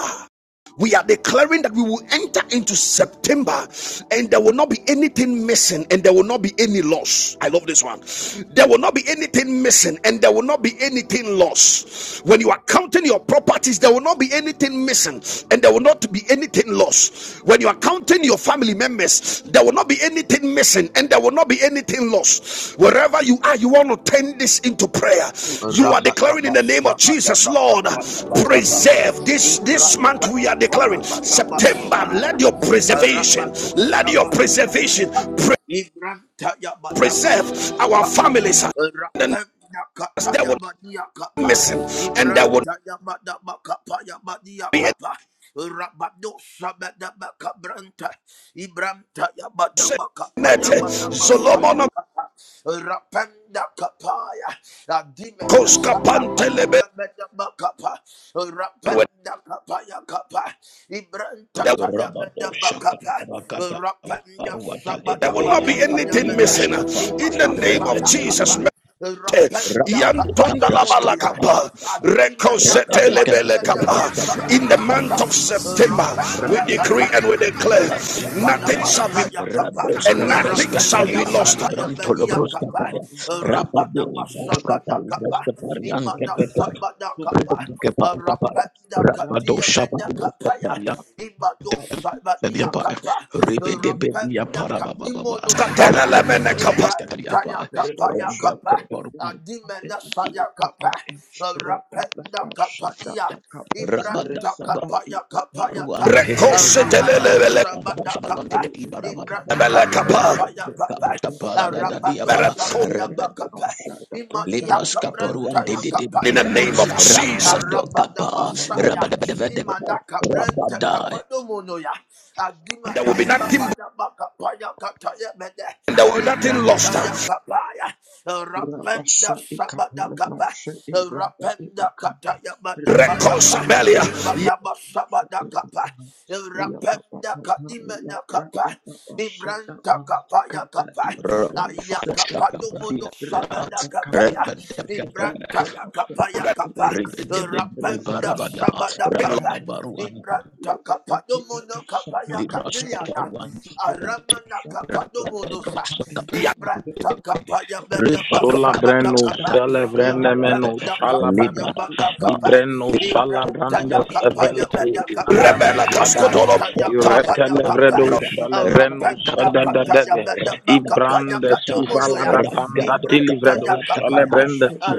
Speaker 1: we are declaring that we will enter into September and there will not be anything missing and there will not be any loss. I love this one. There will not be anything missing and there will not be anything lost. When you are counting your properties, there will not be anything missing and there will not be anything lost. When you are counting in your family members, there will not be anything missing and there will not be anything lost. Wherever you are, you want to turn this into prayer. You are
Speaker 2: Arabada
Speaker 1: declaring in the name of
Speaker 2: masah,
Speaker 1: Jesus,
Speaker 2: majabakak,
Speaker 1: Lord,
Speaker 2: payabada, gah.
Speaker 1: preserve this this
Speaker 2: Ibran
Speaker 1: month. We are
Speaker 2: takak,
Speaker 1: declaring
Speaker 2: payabada
Speaker 1: September.
Speaker 2: masah,
Speaker 1: Let your preservation, let
Speaker 2: Arabadosa,
Speaker 1: your preservation
Speaker 2: majabakak.
Speaker 1: pre-
Speaker 2: Ibran takak, payabadia,
Speaker 1: preserve our
Speaker 2: gah.
Speaker 1: families. And
Speaker 2: Arabenda, takak,
Speaker 1: there will
Speaker 2: payabadia,
Speaker 1: not be
Speaker 2: gah.
Speaker 1: missing and
Speaker 2: Ibran
Speaker 1: there will
Speaker 2: takak, payabada masah, Arabenda, takak, payabadia,
Speaker 1: not be any
Speaker 2: gah. Arabadosa, majabakak berantah. Ibran takak, payabada masah,
Speaker 1: Solomon
Speaker 2: Arabenda, takak, paya. Adimena
Speaker 1: Koska
Speaker 2: saya kapa ya mena makapa. Rapenda kapa ya kapa. Ibranta ta ya
Speaker 4: Rabado
Speaker 2: mena
Speaker 4: Shaka
Speaker 2: makapa.
Speaker 4: Rakata
Speaker 2: Rapenda
Speaker 4: Baruata
Speaker 1: There
Speaker 2: sabada
Speaker 1: will
Speaker 4: Ledebe
Speaker 1: not be
Speaker 2: makapa ya
Speaker 1: anything
Speaker 2: mena.
Speaker 4: Libras
Speaker 1: missing.
Speaker 4: Kappa
Speaker 1: In the
Speaker 2: Imada
Speaker 1: name of
Speaker 4: Rebed
Speaker 2: saya
Speaker 1: Jesus.
Speaker 2: kapa. Rapenda
Speaker 4: Rabadu
Speaker 2: kapa
Speaker 4: Kapras
Speaker 2: numuno
Speaker 4: Kappa
Speaker 2: ya.
Speaker 4: Rabakapa
Speaker 2: Adimena
Speaker 4: Rebede
Speaker 2: kapa ya mena
Speaker 4: Kavrabas
Speaker 2: masaya
Speaker 1: In the
Speaker 2: kapa ta.
Speaker 1: month
Speaker 4: Kabrantekate
Speaker 1: of September, we decree
Speaker 2: Rapenda
Speaker 1: and we declare
Speaker 4: Rabababadwatar
Speaker 2: Ipada
Speaker 1: nothing shall be
Speaker 2: masaya kapa,
Speaker 4: Radoska
Speaker 1: and nothing
Speaker 4: Breska
Speaker 1: shall be
Speaker 2: rapenda
Speaker 4: Periata
Speaker 1: lost.
Speaker 2: kata ya
Speaker 4: Libranto
Speaker 2: mania
Speaker 4: Lobroska
Speaker 2: kapa,
Speaker 4: Paya
Speaker 2: rabada
Speaker 4: Rapade Baruka
Speaker 2: masaba da kapa,
Speaker 4: Palibreska Perian
Speaker 2: imana
Speaker 4: Kepeke
Speaker 2: saba da
Speaker 4: Rabado
Speaker 2: masaya
Speaker 4: Shaba
Speaker 2: mania mania masaba ya
Speaker 4: Yapa,
Speaker 2: Ipadabasayakapa, Rapendakatayamaniakapa,
Speaker 4: Ribedebe Yapara
Speaker 2: Rabadabasabadakapa,
Speaker 4: Baba Baba,
Speaker 2: Imanasabadakapa, Rapendakatiamenakapaya, Imadosabadiakapa, Rapendakatimonusaya,
Speaker 4: Rakoko Toskataskatariapa, Renda
Speaker 2: Ibrantayakapayakapa,
Speaker 4: Koporuan,
Speaker 2: Adimenasayakapa, Rapendakapania,
Speaker 4: Rabada
Speaker 2: Ibrantakapayakapayata,
Speaker 4: Baruan Teddy
Speaker 2: Rabado
Speaker 4: Yapa, and the
Speaker 2: Sabada
Speaker 4: Oshabalan
Speaker 2: Kapa,
Speaker 4: Teddy Barababa,
Speaker 2: Ibranta Yakapa Yakapa,
Speaker 4: Rababuka Parada
Speaker 2: Rabado
Speaker 4: Diaba,
Speaker 2: Sabada
Speaker 4: Rebecca
Speaker 2: Bakapa, Imania
Speaker 4: Libras Kaporuan
Speaker 2: Cabranta
Speaker 4: Teddy de
Speaker 2: Yakapa
Speaker 1: In the name of
Speaker 4: Biapa,
Speaker 2: Domonoya,
Speaker 1: Jesus,
Speaker 4: Ragado
Speaker 2: Rabada
Speaker 4: Kapa,
Speaker 2: Basaya,
Speaker 4: Rabadabedevede,
Speaker 2: Imanaka Branta
Speaker 4: Rabadai,
Speaker 2: Kapa Domonoya,
Speaker 1: there
Speaker 2: Adimana
Speaker 1: will be nothing,
Speaker 2: Sabada Bakapa Yakataya Mede,
Speaker 1: there will be nothing lost.
Speaker 2: Ibranta Yakapaya, Rapenda Sabada Kapa, Rapenda Kataya Mada Bakapa, Ibada Sabada Rapenda kadimena kapa, ibranta kapa ya kapa,
Speaker 4: Rabadashaka,
Speaker 2: aya kapa dumuno sabada kapa ya, ibranta ya kapa ya kapa,
Speaker 4: Rebedebed
Speaker 2: rapenda
Speaker 4: ibarabadaba
Speaker 2: sabada kapa,
Speaker 4: rabanda baruan
Speaker 2: ibranta kapa dumuno kapa ya
Speaker 4: libras
Speaker 2: kadiyana,
Speaker 4: kaparuan
Speaker 2: aramana kapa dumuno sa,
Speaker 4: rabadabasokapra
Speaker 2: ibranta kapa ya beda basabada
Speaker 4: rebadokapras
Speaker 3: Solabreno,
Speaker 2: kapa,
Speaker 4: kata
Speaker 3: Celebrenemeno,
Speaker 4: kentekepe
Speaker 2: rapenda kapa ya
Speaker 3: Shalabada,
Speaker 2: beda
Speaker 4: libradakaba
Speaker 2: kapa,
Speaker 3: Ibreno,
Speaker 4: libradakaba
Speaker 2: ibranta ya
Speaker 3: Shalabrandes,
Speaker 2: kapa ya
Speaker 3: Evelaco,
Speaker 2: beda kapa.
Speaker 3: Labrano, Shadaba,
Speaker 4: rabadakaba
Speaker 2: Ibrantayakapayakapa.
Speaker 3: Iretelevredo, Shalebreno,
Speaker 4: rabadakaba
Speaker 3: Sadadadeve,
Speaker 4: rabadakaba
Speaker 3: Ibrande,
Speaker 4: yata
Speaker 2: Arapendakatayabedabakapayakatumunuya.
Speaker 3: Suvalada, Panda, Tilivredo,
Speaker 4: ragadokapara
Speaker 2: Ibrantayakapaya.
Speaker 4: baba
Speaker 3: Shalebrenda, ti.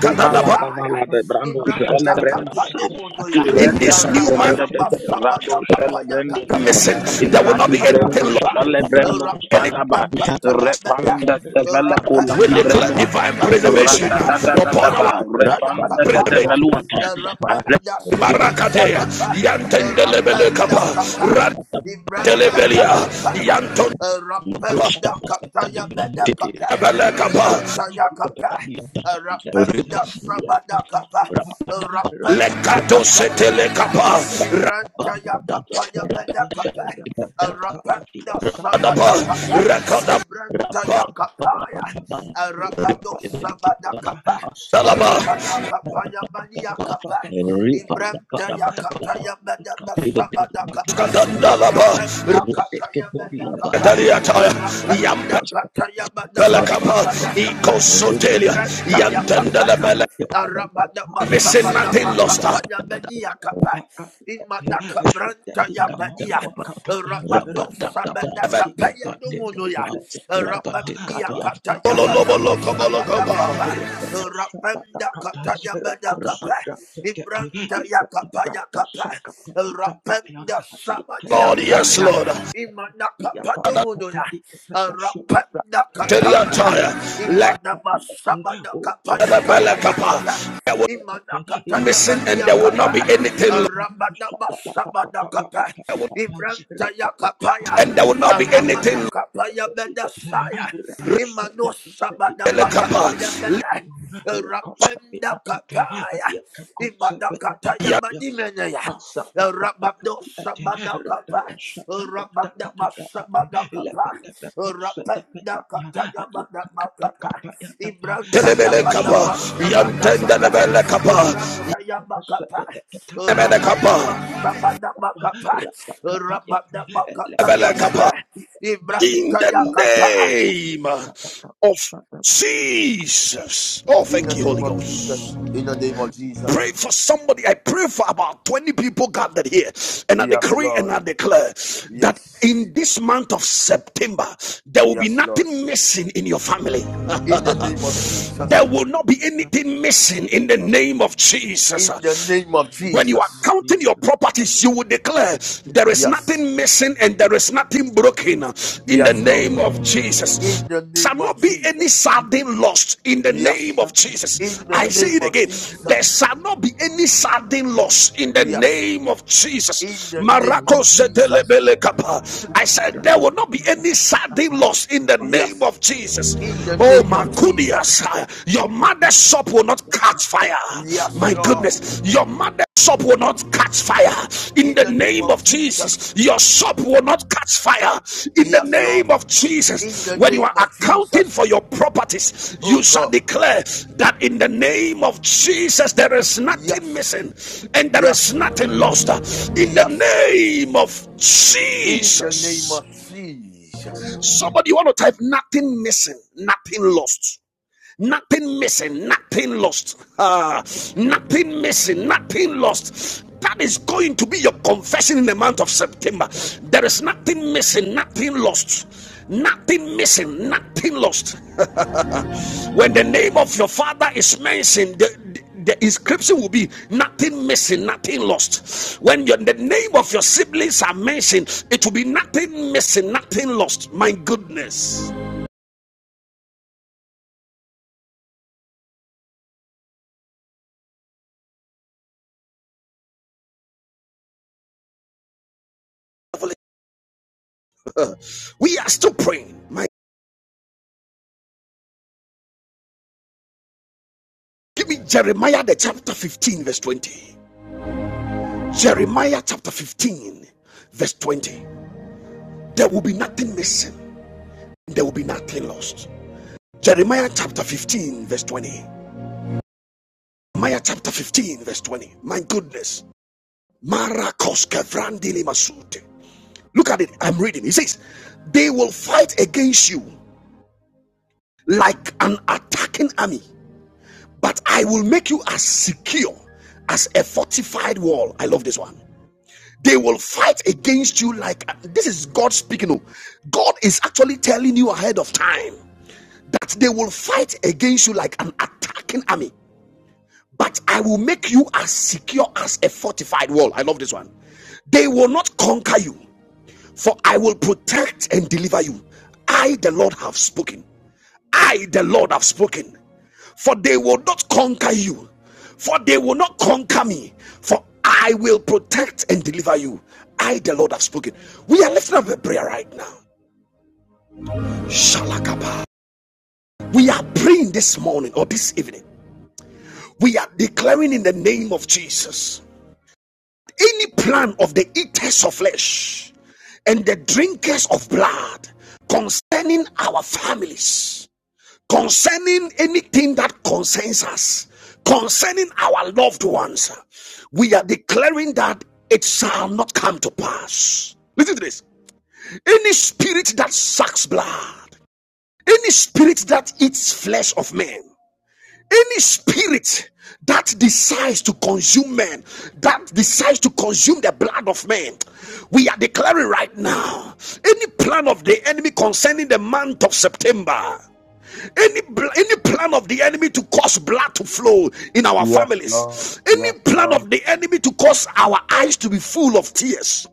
Speaker 3: Subalada balada brando
Speaker 4: libras
Speaker 3: celebrendos
Speaker 4: kaparaba
Speaker 2: Imrantakapatumunuya.
Speaker 1: in
Speaker 3: irada
Speaker 1: this
Speaker 4: libras
Speaker 1: new month,
Speaker 3: rado celebrendos
Speaker 2: Arabadabasabadakapayakataya.
Speaker 1: missing
Speaker 4: kaparaba
Speaker 1: there will not
Speaker 3: iladi
Speaker 1: be
Speaker 4: Rabba
Speaker 1: anything
Speaker 3: brendo
Speaker 1: lost
Speaker 2: Ibrantayakapa.
Speaker 3: celebrendos
Speaker 1: any
Speaker 3: sadaba
Speaker 2: Arapendakatayabeda.
Speaker 3: repanda sevela kola
Speaker 1: we
Speaker 3: di
Speaker 1: declare
Speaker 3: brendo
Speaker 1: divine preservation
Speaker 3: rada
Speaker 2: Arapendakatayakatayabeda.
Speaker 3: da da da da
Speaker 1: upon
Speaker 3: va
Speaker 1: our
Speaker 3: repanda da da
Speaker 1: preservation
Speaker 2: Ibrantayakapaya.
Speaker 3: veluata
Speaker 1: Barakatea
Speaker 2: Arapendasabadiakapa.
Speaker 1: Yantendelebele
Speaker 2: Rapenda
Speaker 1: Kappa
Speaker 2: kapa. Ibranta ya
Speaker 1: Rantelebelia
Speaker 2: kapa ya.
Speaker 1: Yanton Kappa
Speaker 2: Rapenda kapa ya meda kapa.
Speaker 1: Ebele Kappa
Speaker 2: Ibranta ya kapa. Rapenda sabada kapa. Rapenda
Speaker 1: Lekato
Speaker 2: kapa ya
Speaker 1: Setele
Speaker 2: meda.
Speaker 1: Kappa
Speaker 2: Ibranta ya kapa ya meda kapa. Rapenda
Speaker 1: Radaba
Speaker 2: sabada kapa.
Speaker 1: Rakadaba
Speaker 2: Ibranta ya kapa ya. Rabado sabada kapa.
Speaker 1: Dalaba
Speaker 2: Rabada kapa ya mania kapa. Ibrahim yakata yabada sabada kapa.
Speaker 1: Skadandalaba
Speaker 2: Rapenda kata yabada kapa.
Speaker 1: Radaliataya Yampe
Speaker 2: Rapenda kata yabada
Speaker 1: Belakapa,
Speaker 2: sabada kapa.
Speaker 1: Icosotelia,
Speaker 2: Ibrahim yakapa
Speaker 1: Yantendele
Speaker 2: ya.
Speaker 1: Bele,
Speaker 2: Arabada
Speaker 1: missing
Speaker 2: masabada
Speaker 1: nothing lost.
Speaker 2: makapa media kapa. Imana kabranta ya Rabado sabada kapa ya Rabandia kata yabada masabada
Speaker 1: Bololobolokobolokaba.
Speaker 2: Rapenda kata yabada Ibranta yakapa yakapa. Rapenda sabadi
Speaker 1: Lord, yes,
Speaker 2: ataya.
Speaker 1: Lord.
Speaker 2: Imana kapadu
Speaker 1: Tell
Speaker 2: munuya. Rapenda
Speaker 1: the
Speaker 2: kataya.
Speaker 1: entire lack
Speaker 2: Imana
Speaker 5: Yeah,
Speaker 2: masabada kapaya
Speaker 1: the
Speaker 2: kapaya
Speaker 1: Belakapa.
Speaker 2: kapaya.
Speaker 1: There will
Speaker 2: Imana
Speaker 1: be
Speaker 2: kataya
Speaker 1: missing and
Speaker 2: mania
Speaker 1: there will not be
Speaker 2: kapa.
Speaker 1: anything lost.
Speaker 2: Ramana masabada kapa. Ibranta yakapaya.
Speaker 1: And there will not be anything
Speaker 2: Ramana
Speaker 1: lost.
Speaker 2: kapaya medasaya. Imano sabada
Speaker 1: Belakapa.
Speaker 2: makapaya meda. Rapenda kapaya. Ibadakataya madimeneya. Rababdo sabadakapa. Rababdaba sabadakapa. Rababdakataya badabakapa. Ibrantaya
Speaker 1: Yantelebelekapa.
Speaker 2: badaba sabadakapa.
Speaker 1: Yantendelebelekapa.
Speaker 2: Ibrantaya bakapa.
Speaker 1: Yebelekapa.
Speaker 2: Rababdaba sabadabakapa. Rababdaba kataya
Speaker 1: Yebelekapa.
Speaker 2: bada.
Speaker 1: in the
Speaker 2: Ibrantaya kapa.
Speaker 1: name of Jesus. Oh,
Speaker 2: In the
Speaker 1: thank you,
Speaker 2: name
Speaker 1: Holy
Speaker 2: of Jesus.
Speaker 1: Ghost.
Speaker 2: In the name of Jesus.
Speaker 1: Pray for somebody. I pray for about 20 people gathered here. And I
Speaker 2: Yes,
Speaker 1: decree and
Speaker 2: Lord.
Speaker 1: I declare that
Speaker 2: Yes.
Speaker 1: in this month of September, there will be
Speaker 2: Yes, Lord.
Speaker 1: nothing missing in your family.
Speaker 2: In the name of
Speaker 1: There
Speaker 2: Jesus.
Speaker 1: will not be anything missing in the name of
Speaker 2: In the
Speaker 1: Jesus.
Speaker 2: name of
Speaker 1: When you are
Speaker 2: Jesus.
Speaker 1: counting your properties, you will declare there is
Speaker 2: Yes.
Speaker 1: nothing missing and there is nothing broken in the
Speaker 2: Yes, Lord.
Speaker 1: name of Jesus.
Speaker 2: In the
Speaker 1: Shall
Speaker 2: name of
Speaker 1: not be
Speaker 2: Jesus.
Speaker 1: any sardine lost in the name
Speaker 2: Yes.
Speaker 1: of
Speaker 2: In
Speaker 1: Jesus.
Speaker 2: the
Speaker 1: I say
Speaker 2: name
Speaker 1: it
Speaker 2: of
Speaker 1: again. There
Speaker 2: Jesus.
Speaker 1: shall not be any sardine lost in the
Speaker 2: Yes.
Speaker 1: name of
Speaker 2: In
Speaker 1: Jesus.
Speaker 2: the name
Speaker 1: Marako
Speaker 2: of Jesus.
Speaker 1: setelebele I said there will not be any sardine lost in the name
Speaker 2: Yes.
Speaker 1: of Jesus.
Speaker 2: In the
Speaker 1: Oh,
Speaker 2: name of
Speaker 1: Makudia.
Speaker 2: Jesus.
Speaker 1: Your mother's shop will not catch fire.
Speaker 2: Yes,
Speaker 1: My
Speaker 2: Lord.
Speaker 1: goodness, your mother's shop will not catch fire. In
Speaker 2: In
Speaker 1: the
Speaker 2: the name
Speaker 1: name
Speaker 2: of
Speaker 1: of
Speaker 2: Jesus.
Speaker 1: Jesus, your shop will not catch fire. In the
Speaker 2: Yes, Lord.
Speaker 1: name of
Speaker 2: In
Speaker 1: Jesus,
Speaker 2: the
Speaker 1: when you
Speaker 2: name
Speaker 1: are
Speaker 2: of
Speaker 1: accounting
Speaker 2: Jesus.
Speaker 1: for your properties, you
Speaker 2: Oh
Speaker 1: shall
Speaker 2: God.
Speaker 1: declare that in the name of Jesus, there is nothing
Speaker 2: Yes.
Speaker 1: missing and there is
Speaker 2: Yes.
Speaker 1: nothing lost. In the
Speaker 2: Yes.
Speaker 1: name of
Speaker 2: In the name
Speaker 1: Jesus.
Speaker 2: of Jesus.
Speaker 1: Somebody, you want to type nothing missing, nothing lost Nothing missing, nothing lost. Ah, nothing missing, nothing lost. That is going to be your confession in the month of September. There is nothing missing, nothing lost. Nothing missing, nothing lost. When the name of your father is mentioned, the, the the inscription will be nothing missing, nothing lost. When your, the name of your siblings are mentioned, it will be nothing missing, nothing lost. My goodness. We are still praying. my. Give me Jeremiah the chapter 15, verse 20. Jeremiah chapter 15, verse 20. There will be nothing missing, there will be nothing lost. Jeremiah chapter 15, verse 20. Jeremiah chapter 15, verse 20. My goodness. Marakos kevrandili masute. Look at it. I'm reading. He says, They will fight against you like an attacking army, but I will make you as secure as a fortified wall. I love this one. They will fight against you like this is God speaking. oh. God is actually telling you ahead of time that they will fight against you like an attacking army. But I will make you as secure as a fortified wall. I love this one. They will not conquer you, for I will protect and deliver you. I, the Lord, have spoken. I, the Lord, have spoken for they will not conquer you, for they will not conquer me, for I will protect and deliver you. I, the Lord, have spoken. We are lifting up a prayer right now. Shalakaba. We are praying this morning or this evening. We are declaring in the name of Jesus any plan of the eaters of flesh and the drinkers of blood concerning our families concerning anything that concerns us, concerning our loved ones, we are declaring that it shall not come to pass. Listen to this. Any spirit that sucks blood, any spirit that eats flesh of men, any spirit that decides to consume men, that decides to consume the blood of men, we are declaring right now any plan of the enemy concerning the month of September any any plan of the enemy to cause blood to flow in our
Speaker 2: Yes, Lord.
Speaker 1: families
Speaker 2: Yes,
Speaker 1: any plan
Speaker 2: Lord.
Speaker 1: of the enemy to cause our eyes to be full of tears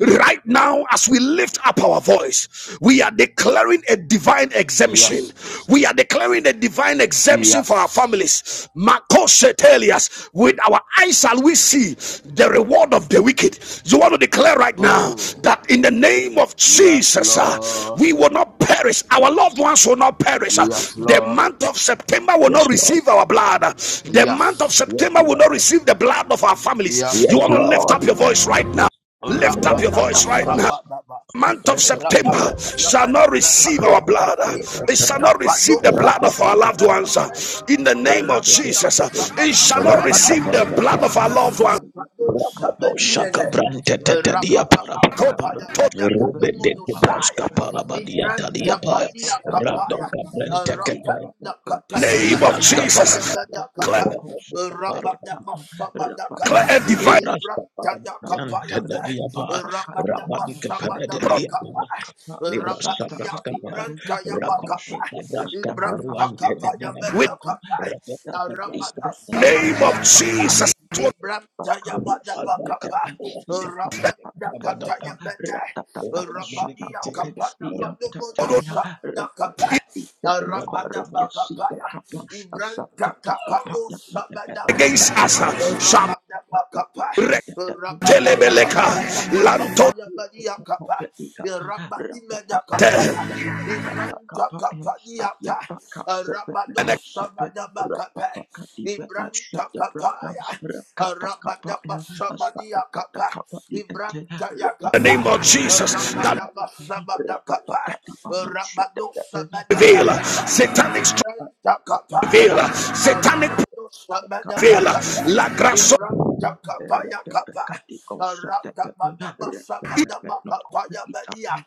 Speaker 1: right now as we lift up our voice we are declaring a divine
Speaker 2: Yes.
Speaker 1: exemption we are declaring a divine exemption for our
Speaker 2: Yes.
Speaker 1: families Makoshetelias. with our our eyes shall we see the reward of the wicked. You want to declare right now
Speaker 2: Oh.
Speaker 1: that in the name of
Speaker 2: Yes,
Speaker 1: Jesus, uh,
Speaker 2: Lord.
Speaker 1: we will not perish. Our loved ones will not perish. Uh,
Speaker 2: Yes,
Speaker 1: the
Speaker 2: Lord.
Speaker 1: month of September will
Speaker 4: Yes,
Speaker 1: not
Speaker 4: Lord.
Speaker 1: receive our blood. Uh, the month of
Speaker 2: Yes.
Speaker 4: Yes,
Speaker 1: September will not
Speaker 4: Lord.
Speaker 1: receive the blood of our families.
Speaker 2: Yes,
Speaker 1: You
Speaker 4: Yes,
Speaker 1: want to
Speaker 2: Lord.
Speaker 1: lift
Speaker 4: Lord.
Speaker 1: up your voice right now. Lift up
Speaker 2: Rabba
Speaker 1: your
Speaker 4: Libras
Speaker 1: voice right now month of September
Speaker 2: Rabado
Speaker 1: shall not receive our
Speaker 2: Sabadabakaba,
Speaker 1: blood. It
Speaker 2: Ibrahim
Speaker 1: shall not receive
Speaker 2: Kapado
Speaker 1: the blood of our loved ones. In the
Speaker 2: Sabadabakaba,
Speaker 1: name of
Speaker 2: Ramada
Speaker 1: Jesus, it shall not
Speaker 2: Sabadabakaba,
Speaker 1: receive the blood of our
Speaker 2: Ibrahim
Speaker 1: loved ones.
Speaker 2: Kapado Sabadimene, Rabada
Speaker 1: In
Speaker 2: Bakapaya Badakado Monosaya, Ibrahim Kapadia Kapaya, Rapanda
Speaker 1: the
Speaker 2: Kataya
Speaker 1: name of
Speaker 2: Badakapaya
Speaker 1: Jesus, declare
Speaker 2: Badakapa, Rabada Masabadakapa,
Speaker 1: a divine
Speaker 2: Ibrahim Kapaya
Speaker 1: process
Speaker 2: Rabadabasabadabakapa,
Speaker 4: Libra Sabraska
Speaker 2: Rabadiakabrantayabakapa,
Speaker 4: Rabate Sabraska Baruante de
Speaker 1: with
Speaker 4: Dinapa,
Speaker 2: Ibrantakapayamadakapa,
Speaker 4: Rabata Sabraska
Speaker 1: the name of
Speaker 4: Rabata,
Speaker 2: Aramadasabadiakapa,
Speaker 1: Jesus.
Speaker 4: Rabata
Speaker 2: Ibrantayabadabakapa,
Speaker 4: Kabaruante, Rabata,
Speaker 2: Rapendakatayamada,
Speaker 4: Rabata Rabata,
Speaker 2: Rabadiakapadabadumunosabadakapa,
Speaker 4: Rabata,
Speaker 2: Arabadabakapaya, Ibrantakapanosadakapa,
Speaker 1: Against us shall be
Speaker 2: Rabadabakapa, Rabadaba sabadaba
Speaker 1: lantote.
Speaker 2: kapaya badia kapa. Rabadi meda kapaya. Ibranta kapadiata.
Speaker 1: And
Speaker 2: Rabado sabadaba kapa. Ibranta kapaya. Rabadaba sabadia kapa. Ibranta ya
Speaker 1: the
Speaker 2: kapa.
Speaker 1: name of Jesus, that
Speaker 2: Rabadaba sabada kapa. Rabado sabadaba
Speaker 1: veil,
Speaker 2: kapa.
Speaker 1: satanic strong
Speaker 2: Ibranta kapaya.
Speaker 1: satanic
Speaker 2: Rabado
Speaker 1: prevail.
Speaker 2: sabadaba kapa,
Speaker 1: La grasso,
Speaker 2: Ibranta kapaya kapa. Arata bana basa bana baka paya bania.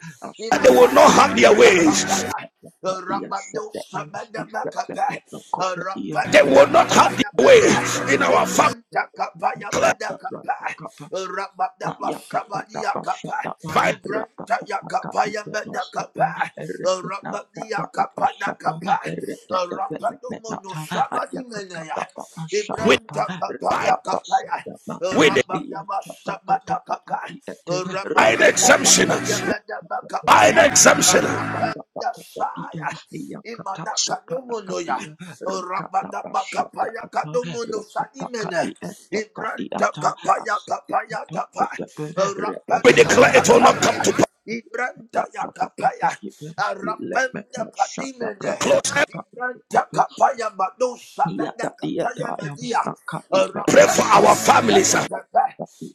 Speaker 1: they will
Speaker 2: Imana
Speaker 1: not have their
Speaker 2: kabranta
Speaker 1: ways.
Speaker 2: kapaya. Rabando sabana baka pa.
Speaker 1: They
Speaker 2: Arapanda
Speaker 1: will not have
Speaker 2: kapaya
Speaker 1: their way
Speaker 2: bana.
Speaker 1: in our family.
Speaker 2: Ibranta kapaya bana kapa. Rabada basa bania kapa.
Speaker 1: By,
Speaker 2: Ibranta ya kapaya bana kapa. Rabadia kapana kapa. Rapado mono sabani menea.
Speaker 1: with,
Speaker 2: Ibranta
Speaker 1: by,
Speaker 2: kapaya kapaya.
Speaker 1: with
Speaker 2: Rabadaba sabada kapaya.
Speaker 1: by an
Speaker 2: Rabadaba
Speaker 1: exemption,
Speaker 2: kataya badaba
Speaker 1: by an
Speaker 2: kapaya.
Speaker 1: exemption,
Speaker 2: Rabanda saya. Imana kadumuno ya. Rabadaba kapaya kadumuno sanimene. Ibranta kapaya kapaya tapa.
Speaker 1: we
Speaker 2: Rabanda
Speaker 1: declare it will not come
Speaker 2: kapaya.
Speaker 1: to pass.
Speaker 2: Ibranta ya kapaya. Rabanda kadimene.
Speaker 1: close. And
Speaker 2: Takapaya Madosa Nakataya Nadia
Speaker 1: pray for
Speaker 2: Rapanya
Speaker 1: our families
Speaker 2: Kapaya
Speaker 1: uh,
Speaker 2: Kapa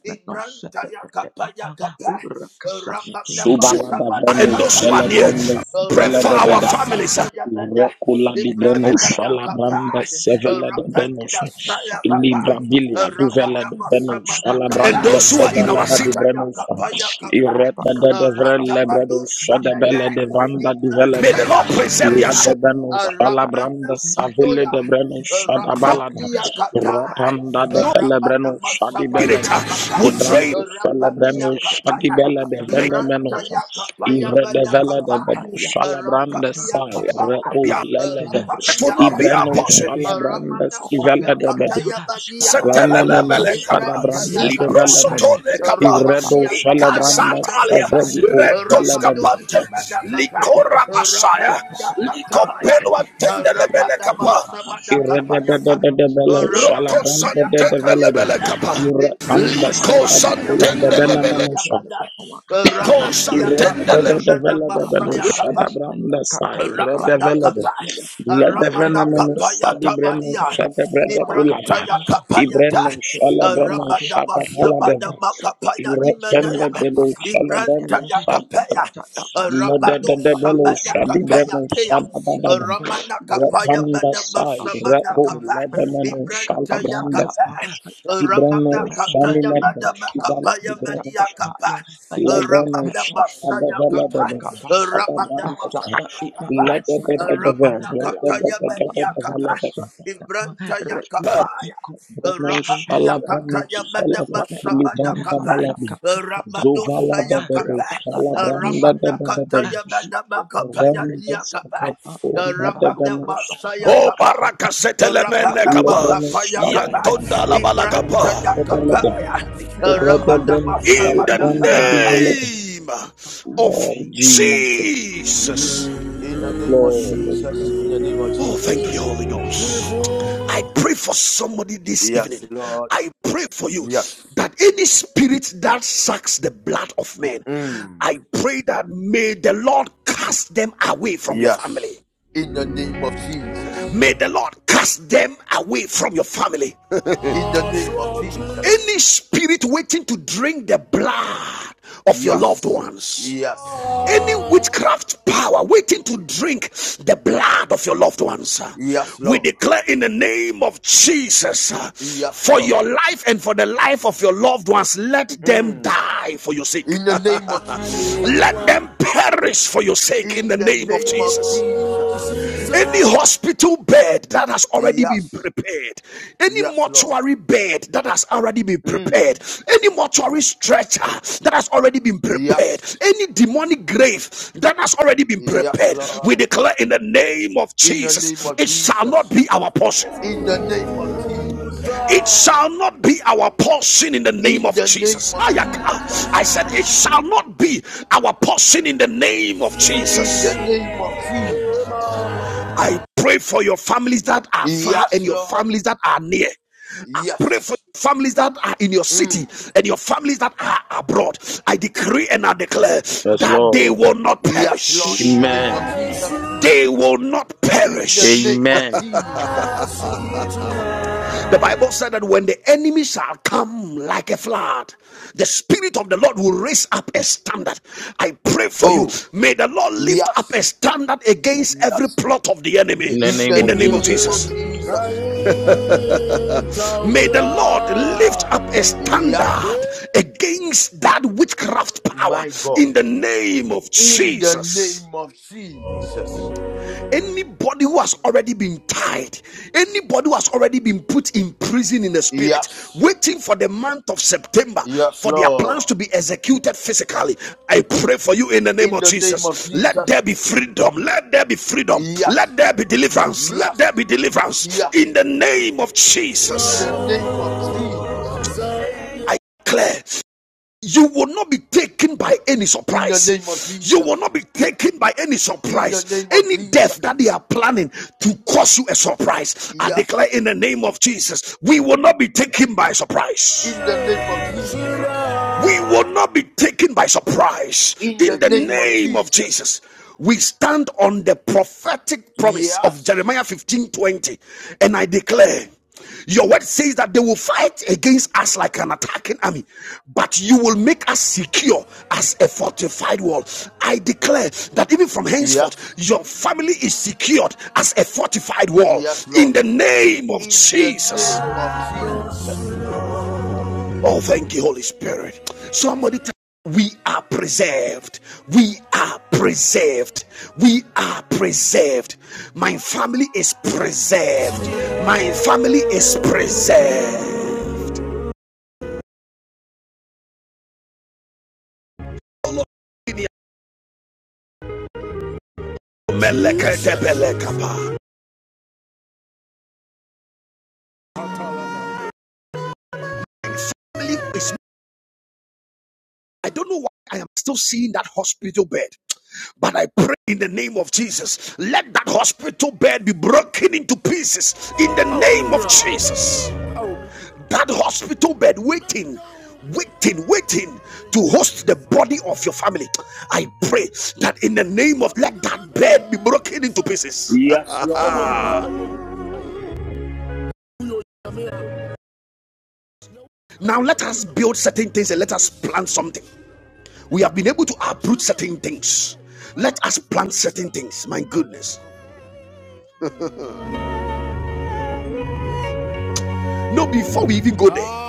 Speaker 2: Ibrantaya Kapaya Kapa Ramadama
Speaker 3: subalada
Speaker 2: Samada
Speaker 3: brendo
Speaker 1: and those who are
Speaker 2: Kapaya
Speaker 1: near.
Speaker 3: celebrendos
Speaker 1: Pray for our
Speaker 3: bela
Speaker 2: Ramanda
Speaker 1: families uh,
Speaker 2: Kataya Mada
Speaker 3: Recula di breno
Speaker 1: and
Speaker 2: Ibrantaya
Speaker 3: shala
Speaker 2: Kapa
Speaker 3: branda sevele de breno
Speaker 2: Rapanda
Speaker 3: sha
Speaker 2: Saya Kapa
Speaker 3: libra bilia duvele de
Speaker 2: Ramadama
Speaker 3: breno
Speaker 2: Samada
Speaker 3: shala
Speaker 2: Kapa
Speaker 3: branda
Speaker 1: those who are in
Speaker 3: sevele
Speaker 1: our
Speaker 3: de
Speaker 1: city.
Speaker 2: Ibrantaya
Speaker 3: breno sha
Speaker 2: Kapaya Kapa
Speaker 3: irete de de vrele breno
Speaker 2: Ratamado
Speaker 3: sha de
Speaker 2: Samada
Speaker 3: bele de vranda di vele
Speaker 1: May
Speaker 3: de
Speaker 1: the
Speaker 2: Ibrantaya
Speaker 1: Lord
Speaker 3: be
Speaker 1: preserve their
Speaker 3: la
Speaker 2: Kapaya
Speaker 3: de
Speaker 1: soul.
Speaker 3: breno shala
Speaker 2: Ramana
Speaker 3: branda savele
Speaker 2: Sadoya,
Speaker 3: de breno sha da
Speaker 1: No,
Speaker 3: balada
Speaker 2: Rapandia Kata,
Speaker 3: rapanda de
Speaker 1: no
Speaker 3: fele breno
Speaker 2: Rapanama
Speaker 3: sha di bele
Speaker 1: spirit
Speaker 2: Sabadia
Speaker 3: de
Speaker 1: uh,
Speaker 2: Kata,
Speaker 1: will drain.
Speaker 3: ibrando fele breno
Speaker 2: Rapandia
Speaker 3: sha di
Speaker 2: Kapaya,
Speaker 3: bele de
Speaker 1: their
Speaker 3: vende
Speaker 2: Ibranta
Speaker 3: meno
Speaker 2: Yakapaya Bada
Speaker 3: Ivredevele de
Speaker 2: Kapa,
Speaker 3: bedu shalabrande
Speaker 2: Rapandia
Speaker 3: sai
Speaker 2: Kapa,
Speaker 3: reku
Speaker 1: name.
Speaker 3: leleve.
Speaker 1: It will
Speaker 2: Rapandia
Speaker 1: not be
Speaker 2: Kapa,
Speaker 1: our
Speaker 3: Ibreno
Speaker 1: portion.
Speaker 3: shalabrande
Speaker 2: Ramana
Speaker 3: sivele
Speaker 2: Saya
Speaker 3: de bedu.
Speaker 2: Kataya Badia Kapa,
Speaker 1: Setelele
Speaker 3: Ranemeno
Speaker 1: bele kapa,
Speaker 2: Ibranta
Speaker 3: shadabranda devele
Speaker 2: Yakapaya,
Speaker 3: de bedu.
Speaker 1: librosotole kapa,
Speaker 3: Ivredo
Speaker 2: Rapandia Kataya
Speaker 3: shalabrande
Speaker 2: Bada
Speaker 1: ikazatalia,
Speaker 2: Kapa,
Speaker 3: sevrediku
Speaker 1: rentos
Speaker 3: veleben.
Speaker 2: Ramadu
Speaker 1: kapante,
Speaker 2: Sabada Kapa,
Speaker 1: likora masaya,
Speaker 2: Rapanda kataya.
Speaker 1: likompelo atendele bele
Speaker 2: Ramada
Speaker 1: kapa,
Speaker 2: basabada kapayata.
Speaker 3: Irredebedebele
Speaker 2: Ramana
Speaker 3: shalabrande
Speaker 2: saya
Speaker 3: de devele
Speaker 2: kataya
Speaker 1: rokosantendele
Speaker 3: de.
Speaker 1: bele
Speaker 2: bada.
Speaker 1: kapa,
Speaker 3: Irrepande
Speaker 2: Ibrataya
Speaker 3: sevrediku
Speaker 2: kapaya
Speaker 3: la de
Speaker 2: bada
Speaker 1: likosantendele likosantendelebele,
Speaker 2: basaya
Speaker 3: benemenosha.
Speaker 2: bada. Ramania kapaya
Speaker 1: kosantendelebele.
Speaker 2: bada
Speaker 3: Irredebedebele de benu
Speaker 2: basaya
Speaker 3: shadabrande sai redevele de.
Speaker 2: Rapadakapa,
Speaker 3: Lebevenemenu Sadibrenu
Speaker 2: Ramadakapayatabania,
Speaker 3: Sadabreda Kulaba
Speaker 2: Ibrantayakapayata,
Speaker 3: Ibrenu Salabrenu Sadabalada
Speaker 2: Ramadabasabadamakapaya
Speaker 3: Irekende
Speaker 2: Dimanaya,
Speaker 3: Belu Salabrenu
Speaker 2: Ibrantayakapaya,
Speaker 3: Sadabada Ledebelu
Speaker 2: Ramadosabadakapaya
Speaker 3: Sadibrenu
Speaker 2: Tea,
Speaker 3: Sadabada
Speaker 2: Ramanakapaya
Speaker 3: Rekanda Sai Reku
Speaker 2: Madamasabadakapa,
Speaker 3: Lebemenu Salabrenda
Speaker 2: Ibrantayakapa,
Speaker 3: Ibrenu
Speaker 2: Ramanakapaya
Speaker 3: Sanimede Kiban
Speaker 2: Madamakapaya
Speaker 3: Ibrenu
Speaker 2: Maniakapa,
Speaker 3: Lebenu Sadabalada
Speaker 2: Ramadabasayakapa, Rabba
Speaker 3: Sadabrenda Ledebedebe
Speaker 2: Rabadabakapayakapa,
Speaker 3: Ledebedebe
Speaker 2: Ibrantayakapaya,
Speaker 3: Brano shala brano shala brakuli branda baladi. Zovala da da do shala branda da da da da. Randa sabadi kori hada brano
Speaker 1: O barakasetele mene
Speaker 3: Ila
Speaker 1: kapa,
Speaker 3: brano shala hada
Speaker 1: yantonda la
Speaker 3: baladi branda da
Speaker 1: balakapa.
Speaker 3: da da da da. Febrada
Speaker 1: In
Speaker 3: shala
Speaker 1: the
Speaker 3: branda di
Speaker 2: Rabadabasamadakabata,
Speaker 3: velede.
Speaker 1: name of
Speaker 3: Lord Jesus.
Speaker 1: Jesus.
Speaker 2: In the
Speaker 3: Yes,
Speaker 2: name of
Speaker 3: Lord.
Speaker 2: Jesus. In the name of
Speaker 1: Oh,
Speaker 2: Jesus.
Speaker 1: thank you, Holy Ghost. I pray for somebody this evening.
Speaker 2: Yes, Lord.
Speaker 1: I pray for you
Speaker 2: Yes.
Speaker 1: that any spirit that sucks the blood of men,
Speaker 2: Mm.
Speaker 1: I pray that may the Lord cast them away from your
Speaker 2: Yes.
Speaker 1: family.
Speaker 2: In the name of Jesus.
Speaker 1: May the Lord cast them away from your family.
Speaker 2: In the name of Jesus.
Speaker 1: any spirit waiting to drink the blood of your loved
Speaker 2: Yes.
Speaker 1: ones.
Speaker 2: Yes.
Speaker 1: any witchcraft power waiting to drink the blood of your loved ones uh,
Speaker 2: Yes,
Speaker 1: we
Speaker 2: Lord.
Speaker 1: declare in the name of jesus uh,
Speaker 2: Yes,
Speaker 1: for
Speaker 2: Lord.
Speaker 1: your life and for the life of your loved ones let them
Speaker 2: Mm.
Speaker 1: die for your sake
Speaker 2: In the name of Jesus.
Speaker 1: let them perish for your sake in
Speaker 2: In
Speaker 1: the
Speaker 2: the
Speaker 1: name of
Speaker 2: name of
Speaker 1: jesus
Speaker 2: Jesus.
Speaker 1: any hospital bed that has already been
Speaker 2: Yes.
Speaker 1: prepared, any
Speaker 2: Yes, Lord.
Speaker 1: mortuary bed that has already been prepared,
Speaker 2: Mm.
Speaker 1: any mortuary stretcher that has already been prepared,
Speaker 2: Yes.
Speaker 1: any demonic grave that has already been
Speaker 2: Yes,
Speaker 1: prepared, we
Speaker 2: Lord.
Speaker 1: declare in the name of
Speaker 2: In the name
Speaker 1: Jesus,
Speaker 2: of
Speaker 1: it shall
Speaker 2: Jesus.
Speaker 1: not be our portion.
Speaker 2: In the name of Jesus.
Speaker 1: It shall not be our portion in the name
Speaker 2: In
Speaker 1: of
Speaker 2: the name
Speaker 1: Jesus.
Speaker 2: of
Speaker 1: I said,
Speaker 2: Jesus.
Speaker 1: it shall not be our portion in the name of
Speaker 2: In
Speaker 1: Jesus.
Speaker 2: the name of Jesus.
Speaker 1: I pray for your families that are far
Speaker 2: Yes,
Speaker 1: and your
Speaker 2: Lord.
Speaker 1: families that are near. I pray for
Speaker 2: Yes.
Speaker 1: families that are in your city
Speaker 2: Mm.
Speaker 1: and your families that are abroad. I decree and I declare
Speaker 3: Yes,
Speaker 1: that they
Speaker 3: Lord.
Speaker 1: will not
Speaker 2: Yes, Lord. In
Speaker 1: perish.
Speaker 2: the name
Speaker 3: Amen.
Speaker 2: of Jesus.
Speaker 1: They will not
Speaker 2: In the
Speaker 1: perish.
Speaker 2: name of
Speaker 3: Amen.
Speaker 2: Jesus.
Speaker 1: The Bible said that when the enemy shall come like a flood, the Spirit of the Lord will raise up a standard. I pray for you.
Speaker 2: Oh,
Speaker 1: May the Lord lift up a
Speaker 2: yes.
Speaker 1: standard against every
Speaker 2: Yes.
Speaker 1: plot of the enemy
Speaker 3: In the
Speaker 2: In the
Speaker 3: name
Speaker 1: in the
Speaker 3: of
Speaker 1: name of
Speaker 2: name
Speaker 3: Jesus.
Speaker 2: of
Speaker 1: Jesus.
Speaker 2: Jesus.
Speaker 1: May the Lord lift up a standard
Speaker 2: Yes.
Speaker 1: against that witchcraft power
Speaker 2: My God.
Speaker 1: in the name of
Speaker 2: In the
Speaker 1: Jesus.
Speaker 2: name of Jesus.
Speaker 1: Anybody who has already been tied, anybody who has already been put in prison in the spirit,
Speaker 2: Yes.
Speaker 1: waiting for the month of September
Speaker 2: Yes,
Speaker 1: for their plans
Speaker 2: Lord.
Speaker 1: to be executed physically, I pray for you in the name
Speaker 2: In
Speaker 1: of
Speaker 2: the name of
Speaker 1: Jesus. Let
Speaker 2: Jesus.
Speaker 1: there be freedom. Let there be freedom. Let
Speaker 2: Yes,
Speaker 1: there be deliverance. Let there
Speaker 2: yes,
Speaker 1: be deliverance
Speaker 2: yes.
Speaker 1: in the name of
Speaker 2: In
Speaker 1: Jesus.
Speaker 2: the name of Jesus.
Speaker 1: I declare you will not be taken by any
Speaker 2: In the name of
Speaker 1: surprise. You will
Speaker 2: Jesus.
Speaker 1: not be taken by any
Speaker 2: In the
Speaker 1: surprise.
Speaker 2: name of
Speaker 1: Any death
Speaker 2: Jesus.
Speaker 1: that they are planning to cause you a surprise, I declare
Speaker 2: Yes.
Speaker 1: in the name of Jesus, we will not be taken by surprise.
Speaker 2: In the name of Jesus.
Speaker 1: We will not be taken by surprise
Speaker 2: In the
Speaker 1: in the
Speaker 2: name of
Speaker 1: name of
Speaker 2: Jesus.
Speaker 1: Jesus. We stand on the prophetic promise of
Speaker 2: Yes.
Speaker 1: Jeremiah 15 20, and I declare. Your word says that they will fight against us like an attacking army, but you will make us secure as a fortified wall. I declare that even from henceforth,
Speaker 2: Yes.
Speaker 1: your family is secured as a fortified wall
Speaker 2: Yes,
Speaker 1: in
Speaker 2: Lord.
Speaker 1: the name of
Speaker 2: In the
Speaker 1: Jesus.
Speaker 2: name of Jesus.
Speaker 1: Oh, thank you, Holy Spirit. Somebody tell me, we are preserved. We are preserved. We are preserved. My family is preserved. My family is preserved. I don't know why I am still seeing that hospital bed. But I pray in the name of Jesus, let that hospital bed be broken into pieces in the name of Jesus. that hospital bed waiting waiting waiting to host the body of your family i pray that in the name of let that bed be broken into pieces
Speaker 2: Yes, Lord.
Speaker 1: now let us build certain things and let us plant something we have been able to uproot certain things let us plant certain things my goodness no before we even go there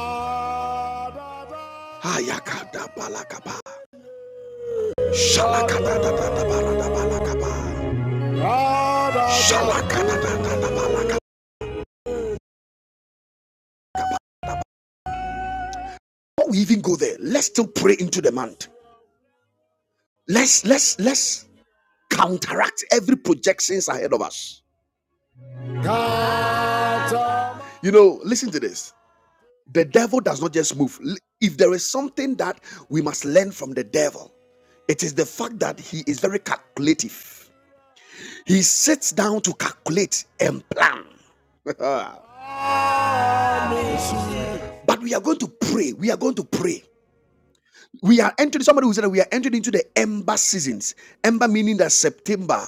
Speaker 1: Before we even go there, let's still pray into the month. Let's let's let's counteract every projections ahead of us. You know, listen to this. The devil does not just move. If there is something that we must learn from the devil, it is the fact that he is very calculative. He sits down to calculate and plan. Ah. But we are going to pray. We are going to pray. We are entering, somebody who said that we are entering into the ember seasons. Ember meaning that September,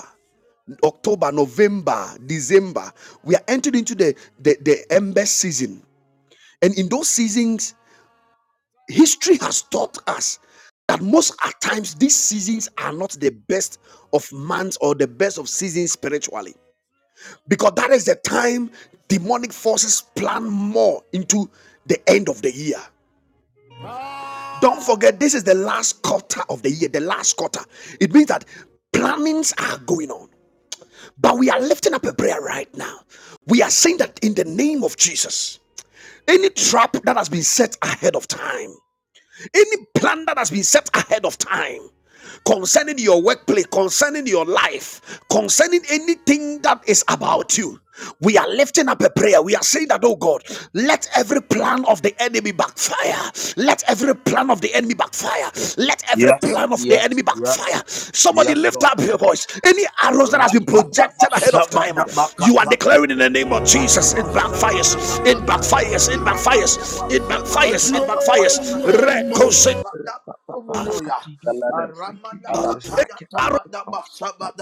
Speaker 1: October, November, December. We are entering into the, the, the ember season. And in those seasons, history has taught us that most at times these seasons are not the best of months or the best of seasons spiritually. Because that is the time demonic forces plan more into the end of the year. Don't forget, this is the last quarter of the year, the last quarter. It means that plannings are going on. But we are lifting up a prayer right now. We are saying that in the name of Jesus, any trap that has been set ahead of time, Any plan that has been set ahead of time concerning your workplace, concerning your life, concerning anything that is about you. We are lifting up a prayer. We are saying that, oh God, let every plan of the enemy backfire. Let every plan of the enemy backfire. Let every
Speaker 2: Yes.
Speaker 1: plan of the enemy
Speaker 2: Yes. Yes.
Speaker 1: backfire. Somebody
Speaker 2: Yes,
Speaker 1: lift
Speaker 2: Lord.
Speaker 1: up your voice. Any arrows that has been projected ahead of time, you are
Speaker 2: Rapadabasabadabakapa.
Speaker 1: declaring in the name of Jesus. It backfires. It
Speaker 2: Ibadabasabadabakaba.
Speaker 1: backfires. It backfires. It backfires. It backfires.
Speaker 2: Rabadabasabadabakapayaba. Oh,
Speaker 1: Recose
Speaker 2: Sadabatomonoya. Aramanakapaya
Speaker 1: arrow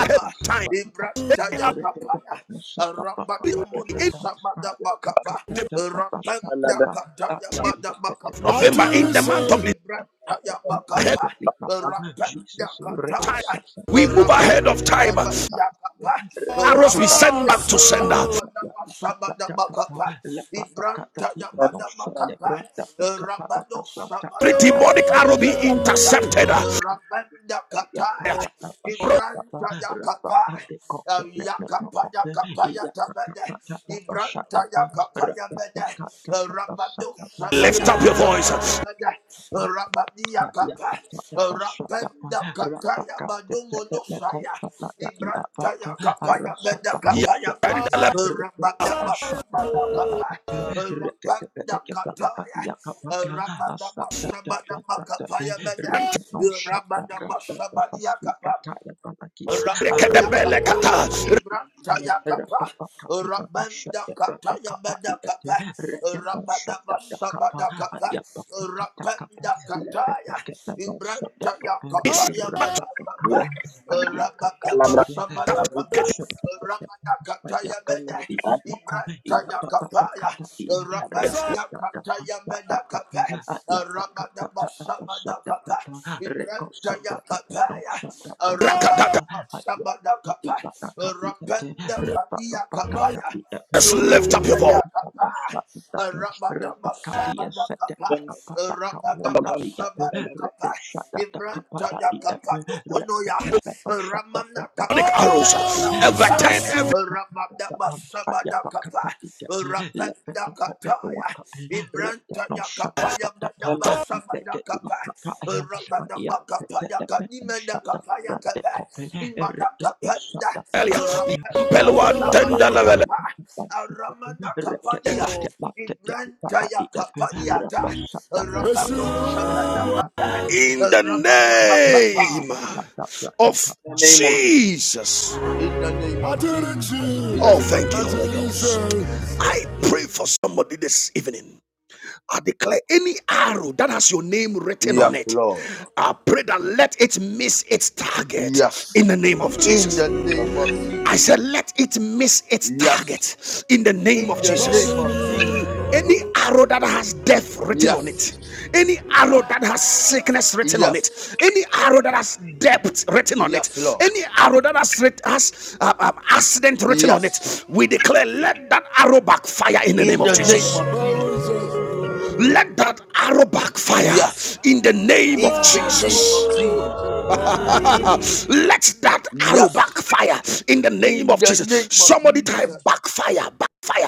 Speaker 1: ahead of time.
Speaker 2: Ibrataya kapaya.
Speaker 1: In
Speaker 2: Rabadomono sabadabakapa. Rapendakataya badabakapaya
Speaker 1: November, in the
Speaker 2: badaba.
Speaker 1: month of the
Speaker 2: Ibrataya
Speaker 1: ahead
Speaker 2: bakapa.
Speaker 1: of time,
Speaker 2: Rapendakataya.
Speaker 1: we move ahead of time.
Speaker 2: Rabadusabadiyakapa.
Speaker 1: Arrows we send back
Speaker 2: Rapanda
Speaker 1: to
Speaker 2: kataya
Speaker 1: sender.
Speaker 2: banama sabada bakapa. Ibranta ya banama kapa. Rabado
Speaker 1: Every
Speaker 2: sabada
Speaker 1: demonic
Speaker 2: bakapa
Speaker 1: arrow
Speaker 2: ya
Speaker 1: be
Speaker 2: banama kapa.
Speaker 1: intercepted.
Speaker 2: Rapanda kataya. Ibranta ya kapa. Yakapa ya kapa ya tabede. Ibranta ya kapa ya bede. Rabado
Speaker 1: Lift
Speaker 2: sabada
Speaker 1: up your
Speaker 2: makapa. ya
Speaker 1: voice.
Speaker 2: bede. Rabadi ya kapa. Rapanda kataya badumo no saya, Ibrantaya kapaya benda kapaya ba. Rabada basabada kapa. Rabada kataya. Rabada basabada kapaya benda. Rabada basabada Rapa yakapa, ibrata yakapa, rabanda kata yabada kapa, rabada basabada kapa, rabanda kataya, ibrata yakapa yabada kapa, rabada basabada kapa, rabada kata yabada, ibrata yakapa ya, rabanda kata yabada kapa, rabada basabada kapa, ibrata yakapa ya, Arabadaba Sabada Kapa, Rapenda Kadia Kapaya,
Speaker 1: Lift up your
Speaker 2: Ibrantaya
Speaker 1: voice.
Speaker 2: Kapa, Arabadaba Sabada Kapa, Arabadaba Sabada Kapa, Ibrantaya Kapa,
Speaker 5: rest
Speaker 2: Nomonoya, Ramana Kataya
Speaker 1: arrows.
Speaker 2: Badaba Kapa,
Speaker 1: Everton, every
Speaker 2: Rabadaba Sabada Kapa,
Speaker 5: day,
Speaker 2: Rapenda Kataya, Ibrantaya Kapaya Badaba Sabada in
Speaker 1: failure. In the name of Jesus.
Speaker 2: the name of Jesus. In the
Speaker 1: Oh,
Speaker 2: name
Speaker 1: thank
Speaker 2: of
Speaker 1: you, Holy
Speaker 2: Jesus.
Speaker 1: Ghost. I pray for somebody this evening. I declare any arrow that has your name written
Speaker 2: Yes,
Speaker 1: on it.
Speaker 2: Lord.
Speaker 1: I pray that let it miss its target
Speaker 2: Yes.
Speaker 1: in the name of
Speaker 2: In
Speaker 1: Jesus.
Speaker 2: the name of Jesus.
Speaker 1: I said, let it miss its
Speaker 2: Yes.
Speaker 1: target in the name
Speaker 2: In
Speaker 1: of
Speaker 2: the
Speaker 1: Jesus.
Speaker 2: name of Jesus.
Speaker 1: Any arrow that has death written on it,
Speaker 2: Yes.
Speaker 1: any arrow that has sickness written on
Speaker 2: Yes.
Speaker 1: it, any arrow that has debt written on
Speaker 2: Yes,
Speaker 1: it,
Speaker 2: Lord.
Speaker 1: any arrow that has, has uh, um, accident written on
Speaker 2: Yes.
Speaker 1: it, we declare, let that arrow backfire in the name
Speaker 2: In
Speaker 1: of
Speaker 2: the name
Speaker 1: Jesus.
Speaker 2: of Jesus.
Speaker 1: Let that arrow backfire
Speaker 2: Yes.
Speaker 1: in the name of
Speaker 2: In the name
Speaker 1: Jesus.
Speaker 2: of Jesus.
Speaker 1: Let that arrow
Speaker 2: Yes.
Speaker 1: backfire in the name
Speaker 2: In
Speaker 1: of
Speaker 2: the
Speaker 1: Jesus.
Speaker 2: name of
Speaker 1: Somebody type
Speaker 2: Jesus.
Speaker 1: backfire, backfire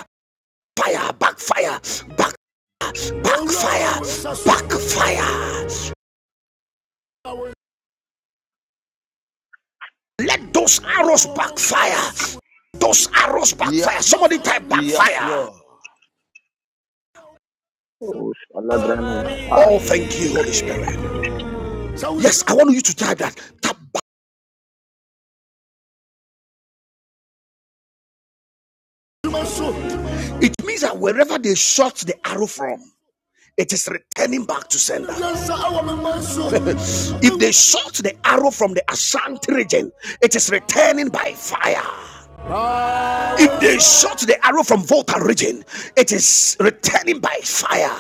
Speaker 1: backfire, backfire, back, backfire, backfire. Let those arrows backfire. Those arrows backfire.
Speaker 2: Yes.
Speaker 1: Somebody type
Speaker 2: Yes,
Speaker 1: backfire.
Speaker 2: Lord.
Speaker 1: Oh, thank you, Holy Spirit. Yes, I want you to type that. It means that wherever they shot the arrow from, it is returning back to sender. if they shot the arrow from the Ashanti region, it is returning by fire. If they shot the arrow from Volta region, it is returning by fire.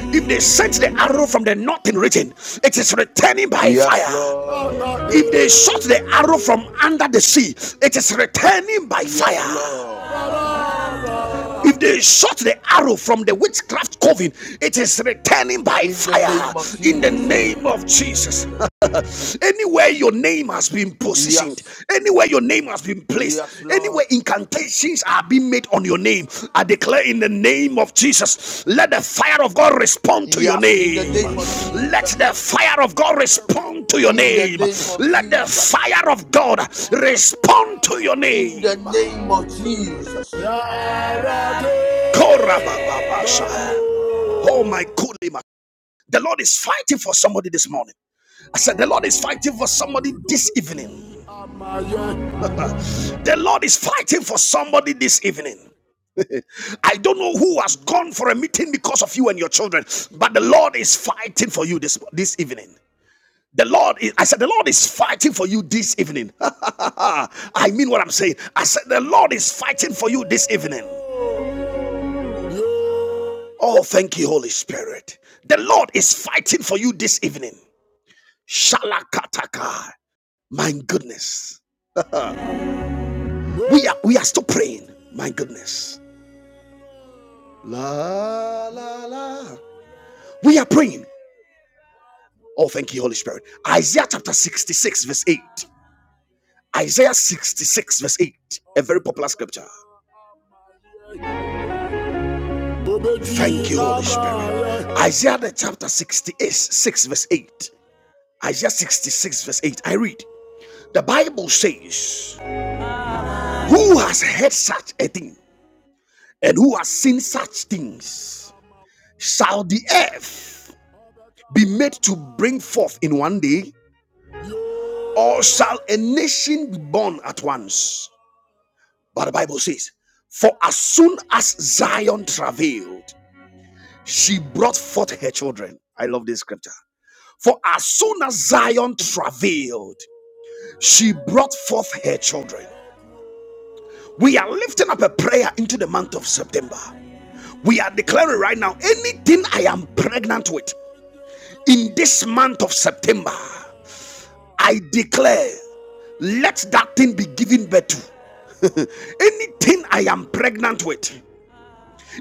Speaker 1: If they sent the arrow from the northern region, it is returning by
Speaker 2: Yes,
Speaker 1: fire.
Speaker 2: Lord.
Speaker 1: If they shot the arrow from under the sea, it is returning by
Speaker 2: Yes,
Speaker 1: fire.
Speaker 2: Lord.
Speaker 1: If they shot the arrow from the witchcraft coven, it is returning by
Speaker 2: In the
Speaker 1: fire
Speaker 2: name of
Speaker 1: in the
Speaker 2: Jesus.
Speaker 1: name of Jesus. anywhere your name has been positioned,
Speaker 2: Yes.
Speaker 1: anywhere your name has been placed,
Speaker 2: Yes, Lord.
Speaker 1: anywhere incantations are being made on your name, I declare in the name of Jesus, let the fire of God respond to your
Speaker 2: Yes. In the
Speaker 1: name.
Speaker 2: name of
Speaker 1: Let
Speaker 2: Jesus.
Speaker 1: the fire of God respond to your
Speaker 2: In the
Speaker 1: name.
Speaker 2: name of
Speaker 1: Let the
Speaker 2: Jesus.
Speaker 1: fire of God respond to your
Speaker 2: In the
Speaker 1: name.
Speaker 2: name of Jesus.
Speaker 1: Korabababasha. Oh my goodness. The Lord is fighting for somebody this morning. I said, The Lord is fighting for somebody this evening. the Lord is fighting for somebody this evening. I don't know who has gone for a meeting because of you and your children, but the Lord is fighting for you this, this evening. The Lord is, I said, the Lord is fighting for you this evening. I mean what I'm saying. I said, the Lord is fighting for you this evening. Oh, thank you, Holy Spirit. The Lord is fighting for you this evening. Shalakataka. My goodness. We are we are still praying. My goodness. La la la. We are praying. Oh, thank you, Holy Spirit. Isaiah chapter 66, verse 8. Isaiah 66, verse 8. A very popular scripture. Thank you, Holy Spirit. Isaiah the chapter sixty-six, 6, verse 8. Isaiah 66, verse 8. I read. The Bible says, Who has heard such a thing? And who has seen such things? Shall the earth be made to bring forth in one day, or shall a nation be born at once? But the Bible says, For as soon as Zion travailed, she brought forth her children. I love this scripture. For as soon as Zion travailed, she brought forth her children. We are lifting up a prayer into the month of September. We are declaring right now anything I am pregnant with in this month of September. I declare, let that thing be given birth to. Anything I am pregnant with,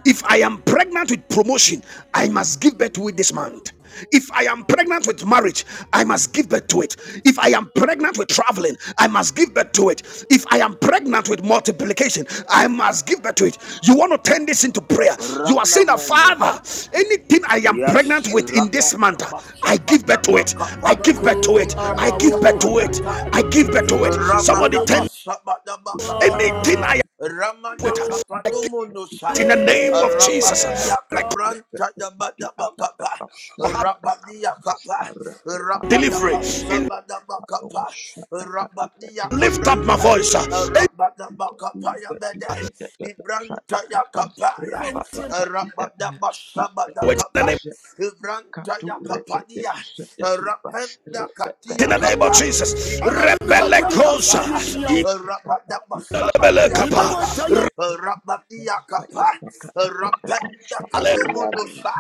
Speaker 1: if I am pregnant with promotion, I must give birth to it this month. If I am pregnant with marriage, I must give birth to it. If I am pregnant with traveling, I must give birth to it. If I am pregnant with multiplication, I must give birth to it. You want to turn this into prayer. You are saying that,
Speaker 2: Rana
Speaker 1: Father, anything I am
Speaker 2: Yes.
Speaker 1: pregnant with in
Speaker 2: Rabba,
Speaker 1: this month,
Speaker 2: rabba,
Speaker 1: I
Speaker 2: shabba,
Speaker 1: give birth to
Speaker 2: dabba,
Speaker 1: it. I
Speaker 2: kappa.
Speaker 1: give birth to it.
Speaker 2: Ibra,
Speaker 1: I give birth
Speaker 2: shabba,
Speaker 1: to it.
Speaker 2: yata,
Speaker 1: I give birth to it. Somebody turn
Speaker 2: Rabadabasabadabakataya.
Speaker 1: anything I am
Speaker 2: Ramana
Speaker 1: with. I give
Speaker 2: kapadumunusa.
Speaker 1: it in the name of Jesus.
Speaker 2: Rabadia kabranta dabadabakapa. Rabadia kapa.
Speaker 1: delivery. In
Speaker 2: Rabadabasabadabakapa. Rabadia
Speaker 1: lift up my
Speaker 2: kabranta.
Speaker 1: voice. uh,
Speaker 2: Rabadabakapaya bede. Ibranta yakapaya.
Speaker 1: In the
Speaker 2: Rabadabasabadakapa.
Speaker 1: name,
Speaker 2: Ibranta yakapadia. Rapenda katia
Speaker 1: in the name of
Speaker 2: kapa.
Speaker 1: Jesus.
Speaker 2: Ibranta
Speaker 1: Rebele
Speaker 2: ya
Speaker 1: kosa.
Speaker 2: kapaya. Rabada
Speaker 1: Inelebele
Speaker 2: masabaria
Speaker 1: kapa.
Speaker 2: kapa. Rabadia kapa. Rabada
Speaker 1: Rale
Speaker 2: kadumunusa.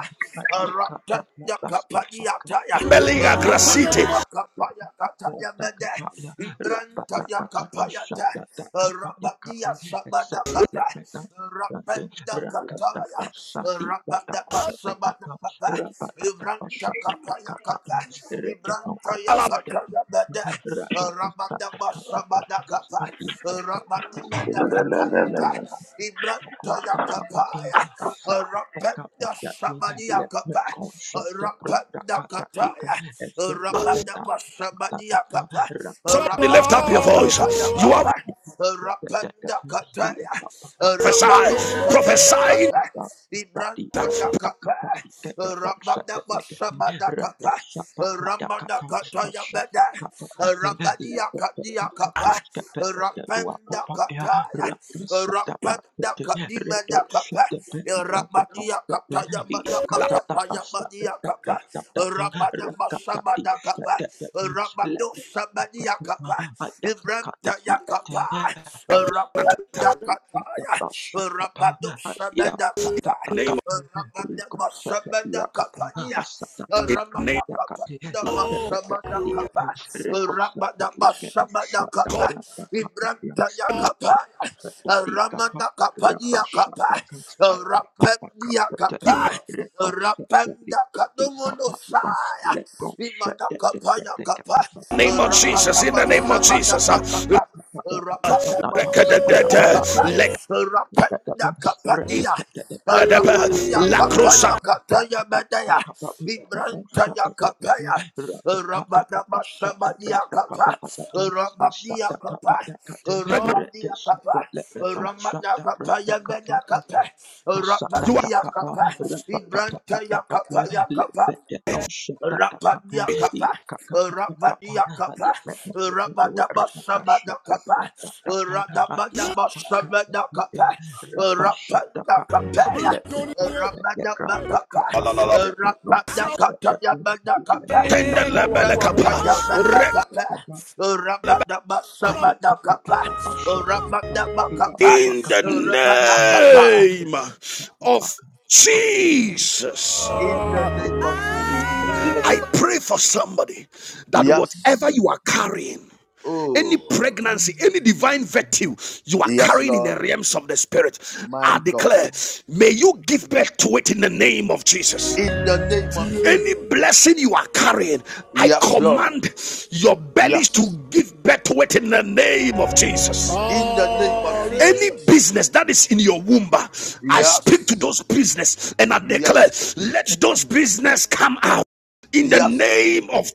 Speaker 2: Rabada kapadia taya.
Speaker 1: melinga
Speaker 2: Rabada
Speaker 1: grasiti.
Speaker 2: makapaya kataya mede.
Speaker 5: Yeah, right.
Speaker 2: Ibranta ya kapaya ta. Rabadia sabada kapa. Rabada kataya. Rabada masabada kapa. Ibranta kapaya kapa. Ibranta ya
Speaker 1: Ala-
Speaker 2: kataya mede. Rabadabashabadakapa, Rabadimedakapayata, Ibrantayakapaya, Rapendashabadiakapa, Rapendakataya, Rabadabashabadiakapa,
Speaker 1: Somebody lift up your voice. You are
Speaker 2: Rabadabakapayakapa, Rapendakataya,
Speaker 1: prophesying, prophesying
Speaker 2: Rabadosabedakapa,
Speaker 1: in the
Speaker 2: Ibrantayakapa, Rabadabashabadakapa, Ramadakataya Rabadia Kadia Kapa, Rapenda
Speaker 5: yeah,
Speaker 2: Kataya, Rapenda Kadima da Kapa, Rabadia Kataya Madama Kapa, Yamadia Kapa, Rabada Masabada Kapa, Rabado Sabadia
Speaker 5: ma
Speaker 2: Kapa, Ibranta Yakapa, Rapenda Kataya, Rabado
Speaker 5: pa
Speaker 2: Sabada Kapa.
Speaker 1: name of,
Speaker 2: Ramada Masamada Kapania,
Speaker 1: in the name
Speaker 2: Ramada Kapana Masamada Kapa,
Speaker 1: of God.
Speaker 2: Rabadabashabadakapa, Ibrantayakapa, Ramanakapadiakapa, Rapendiakapa, Rapendakadumonosaya, Imadakapayakapa,
Speaker 1: In the name of Jesus. In the name of Jesus. uh,
Speaker 2: Rabadabashabadakapa,
Speaker 1: Rekadadada.
Speaker 2: Rabadabashabadakapa, Rapendakapadia,
Speaker 1: Lekadadadaba.
Speaker 2: Ramania
Speaker 1: Lakrosa.
Speaker 2: kapaya kataya badaya. Ibranta ya kapaya. Rabadabashabadiakapa, Rabadiakapa, Rabadiakapa, Ramadakapa, Yabedakapa,
Speaker 1: You
Speaker 2: Rabadiakapa, Ibrantayakapa, Rapadia kapa, rapadia kapa, rapada basabada kapa, rapada basabada kapa, rapada kapa ya, rapada kapa,
Speaker 1: are.
Speaker 2: rapada kata ya bada kapa,
Speaker 1: Tender
Speaker 2: ibranta ya bada kapa, rapada basabada kapa, rapada bakapa,
Speaker 1: in the
Speaker 2: rapada
Speaker 1: name of Jesus.
Speaker 2: In the name of Jesus, in the
Speaker 1: I
Speaker 2: name of
Speaker 1: pray for
Speaker 2: Jesus.
Speaker 1: somebody that whatever
Speaker 2: Yes.
Speaker 1: you are carrying, any
Speaker 2: Oh,
Speaker 1: pregnancy, any divine virtue you are
Speaker 2: yes,
Speaker 1: carrying in the
Speaker 2: Lord,
Speaker 1: realms of the spirit,
Speaker 2: my
Speaker 1: I
Speaker 2: God.
Speaker 1: declare, may you give birth to it in the name of Jesus.
Speaker 2: In the name of
Speaker 1: Any
Speaker 2: Jesus.
Speaker 1: blessing you are carrying, I
Speaker 2: Yes, Lord.
Speaker 1: command your bellies to
Speaker 2: Yes.
Speaker 1: give birth to it in the name of Jesus.
Speaker 2: In the name of
Speaker 1: Any
Speaker 2: Jesus.
Speaker 1: business that is in your womb, I speak to
Speaker 2: Yes.
Speaker 1: those business and I declare,
Speaker 2: Yes.
Speaker 1: let those business come out in the
Speaker 2: Yes.
Speaker 1: name of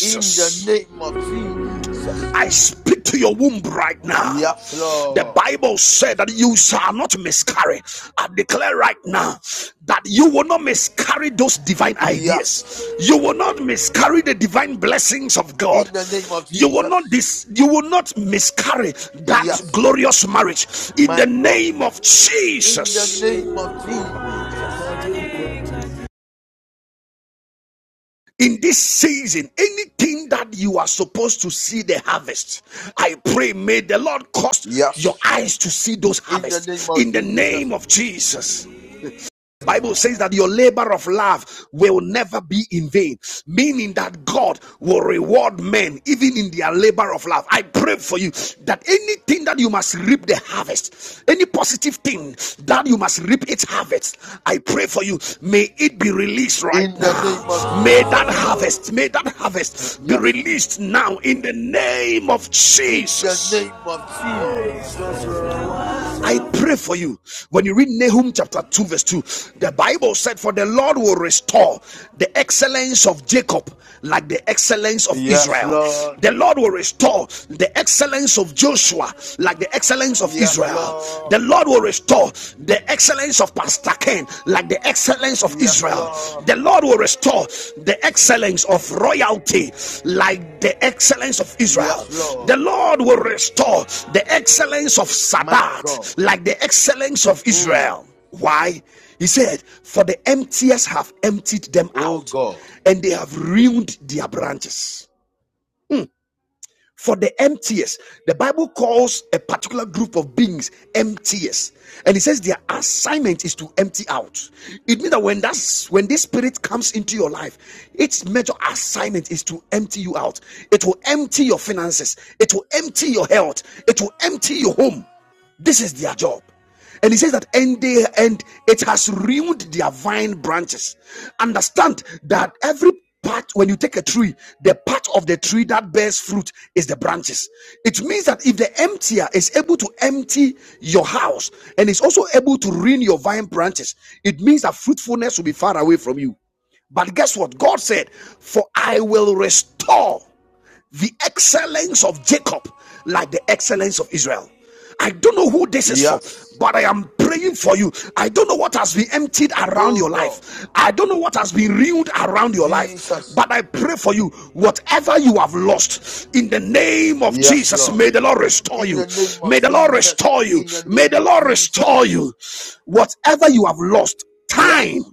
Speaker 2: In the name of Jesus.
Speaker 1: I speak to your womb right now.
Speaker 2: Yes,
Speaker 1: The
Speaker 2: Lord.
Speaker 1: Bible said that you shall not miscarry. I declare right now that you will not miscarry those divine
Speaker 2: Yes.
Speaker 1: ideas. You will not miscarry the divine blessings of God.
Speaker 2: In the name of
Speaker 1: You will not
Speaker 2: Jesus.
Speaker 1: dis- you will not miscarry that
Speaker 2: Yes.
Speaker 1: glorious marriage in
Speaker 2: My
Speaker 1: the
Speaker 2: God.
Speaker 1: name of
Speaker 2: In the
Speaker 1: Jesus.
Speaker 2: name of Jesus.
Speaker 1: in this season, anything that you are supposed to see the harvest, I pray, may the Lord cause
Speaker 2: Yes.
Speaker 1: your eyes to see those
Speaker 2: In the name
Speaker 1: harvests
Speaker 2: of
Speaker 1: in the name
Speaker 2: Jesus.
Speaker 1: of Jesus. Bible says that your labor of love will never be in vain, meaning that God will reward men even in their labor of love. I pray for you that anything that you must reap the harvest, any positive thing that you must reap its harvest, I pray for you. May it be released right
Speaker 2: In the name of
Speaker 1: now. May that
Speaker 2: Jesus.
Speaker 1: harvest, may that harvest be
Speaker 2: Yes.
Speaker 1: released now in the name of
Speaker 2: in the
Speaker 1: Jesus.
Speaker 2: name of Jesus.
Speaker 1: I pray for you. When you read Nahum chapter 2, verse 2, the Bible said, For the Lord will restore the excellence of Jacob like the excellence of
Speaker 2: Yes,
Speaker 1: Israel.
Speaker 2: Lord.
Speaker 1: The Lord will restore the excellence of Joshua like the excellence of
Speaker 2: Yes,
Speaker 1: Israel.
Speaker 2: Lord.
Speaker 1: The Lord will restore the excellence of Pastor Ken like the excellence of of
Speaker 2: Yes,
Speaker 1: Israel.
Speaker 2: Lord.
Speaker 1: The Lord will restore the excellence of royalty like the excellence of Israel.
Speaker 2: Yes,
Speaker 1: The
Speaker 2: Lord.
Speaker 1: Lord will restore the excellence of
Speaker 2: My God.
Speaker 1: Sadat like the excellence of
Speaker 2: Mm.
Speaker 1: Israel. Why? He said, For the emptiers have emptied them
Speaker 2: Oh
Speaker 1: out
Speaker 2: God.
Speaker 1: and they have ruined their branches for the emptiest. The Bible calls a particular group of beings emptiest, and it says their assignment is to empty out. It means that when that's when this spirit comes into your life, its major assignment is to empty you out. It will empty your finances. It will empty your health. It will empty your home. This is their job. And he says that, and they and it has ruined their vine branches. Understand that every part, when you take a tree, the part of the tree that bears fruit is the branches. It means that if the emptier is able to empty your house and is also able to ruin your vine branches, it means that fruitfulness will be far away from you. But guess what? God said, For I will restore the excellence of Jacob like the excellence of Israel. I don't know who this is for,
Speaker 2: Yes.
Speaker 1: but I am praying for you. I don't know what has been emptied around
Speaker 2: Oh
Speaker 1: your
Speaker 2: God.
Speaker 1: life. I don't know what has been renewed around your life,
Speaker 2: Jesus.
Speaker 1: but I pray for you. Whatever you have lost, in the name of
Speaker 2: Yes,
Speaker 1: Jesus,
Speaker 2: Lord.
Speaker 1: may the Lord restore
Speaker 2: In
Speaker 1: you.
Speaker 2: the name of
Speaker 1: May the Lord
Speaker 2: Jesus.
Speaker 1: restore you.
Speaker 2: In the
Speaker 1: May
Speaker 2: name
Speaker 1: the
Speaker 2: of
Speaker 1: Lord
Speaker 2: Jesus.
Speaker 1: restore you. Whatever you have lost, time
Speaker 2: Yes.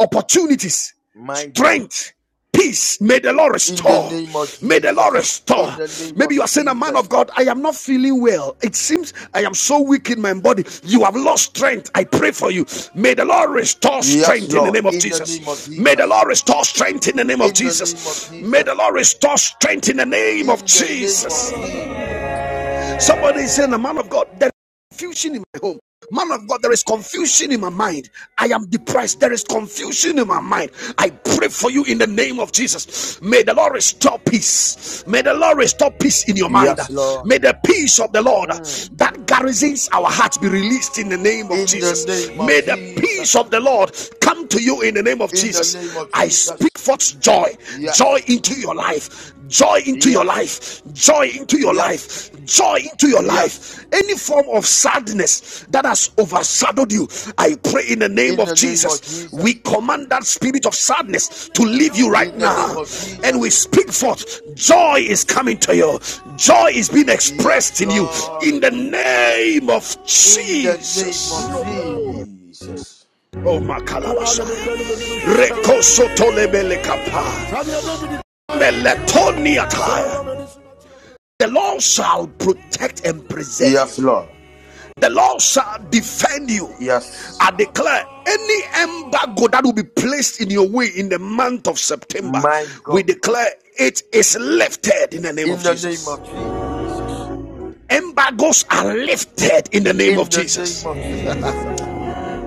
Speaker 1: opportunities,
Speaker 2: My God.
Speaker 1: strength, peace. May the Lord
Speaker 2: In the
Speaker 1: restore.
Speaker 2: name of
Speaker 1: May the Lord
Speaker 2: Jesus. In
Speaker 1: restore.
Speaker 2: the name
Speaker 1: Maybe
Speaker 2: of
Speaker 1: you are saying, A man of
Speaker 2: Jesus.
Speaker 1: God, I am not feeling well. It seems I am so weak in my body. You have lost strength. I pray for you. May the Lord restore
Speaker 2: Yes,
Speaker 1: strength in the
Speaker 2: Lord.
Speaker 1: name of
Speaker 2: In the name of
Speaker 1: Jesus. May the
Speaker 2: Jesus.
Speaker 1: Lord restore strength in the name of
Speaker 2: In the name of
Speaker 1: Jesus. May
Speaker 2: Jesus.
Speaker 1: the Lord restore strength in the name of
Speaker 2: in the name
Speaker 1: Jesus.
Speaker 2: of Jesus.
Speaker 1: Somebody is saying, The man of God, there is confusion in my home. Man of God, there is confusion in my mind. I am depressed. There is confusion in my mind. I pray for you in the name of Jesus. May the Lord restore peace. May the Lord restore peace in your mind.
Speaker 2: Yes, Lord.
Speaker 1: May the peace of the Lord
Speaker 2: Mm.
Speaker 1: that garrisons our hearts be released in the name of
Speaker 2: In the
Speaker 1: Jesus.
Speaker 2: name of
Speaker 1: May the peace
Speaker 2: Jesus.
Speaker 1: of the Lord come to you in the name of
Speaker 2: In the name
Speaker 1: Jesus.
Speaker 2: of
Speaker 1: I
Speaker 2: Jesus.
Speaker 1: speak forth joy. Joy
Speaker 2: Yes.
Speaker 1: into your life joy into your
Speaker 2: Yes.
Speaker 1: life joy into your
Speaker 2: Yes.
Speaker 1: life joy into your
Speaker 2: Yes.
Speaker 1: life any form of sadness that has overshadowed you i pray in the name
Speaker 2: In
Speaker 1: of
Speaker 2: the name of
Speaker 1: jesus we
Speaker 2: Jesus.
Speaker 1: command that spirit of sadness to leave you right
Speaker 2: In the name
Speaker 1: now
Speaker 2: of
Speaker 1: and
Speaker 2: Jesus.
Speaker 1: we speak forth joy is coming to you joy is being
Speaker 2: Yes,
Speaker 1: expressed in you
Speaker 2: Lord.
Speaker 1: in the name of
Speaker 2: In the name of
Speaker 1: jesus
Speaker 2: Jesus.
Speaker 1: oh my kalabasa. The Lord shall protect and preserve
Speaker 2: Yes,
Speaker 1: you.
Speaker 2: Lord.
Speaker 1: The Lord shall defend you.
Speaker 2: Yes.
Speaker 1: I declare any embargo that will be placed in your way in the month of September,
Speaker 2: My
Speaker 1: we
Speaker 2: God.
Speaker 1: declare it is lifted in the name
Speaker 2: In
Speaker 1: of
Speaker 2: the name
Speaker 1: Jesus.
Speaker 2: of Jesus.
Speaker 1: Embargoes are lifted in the name of
Speaker 2: In the name
Speaker 1: Jesus.
Speaker 2: of Jesus.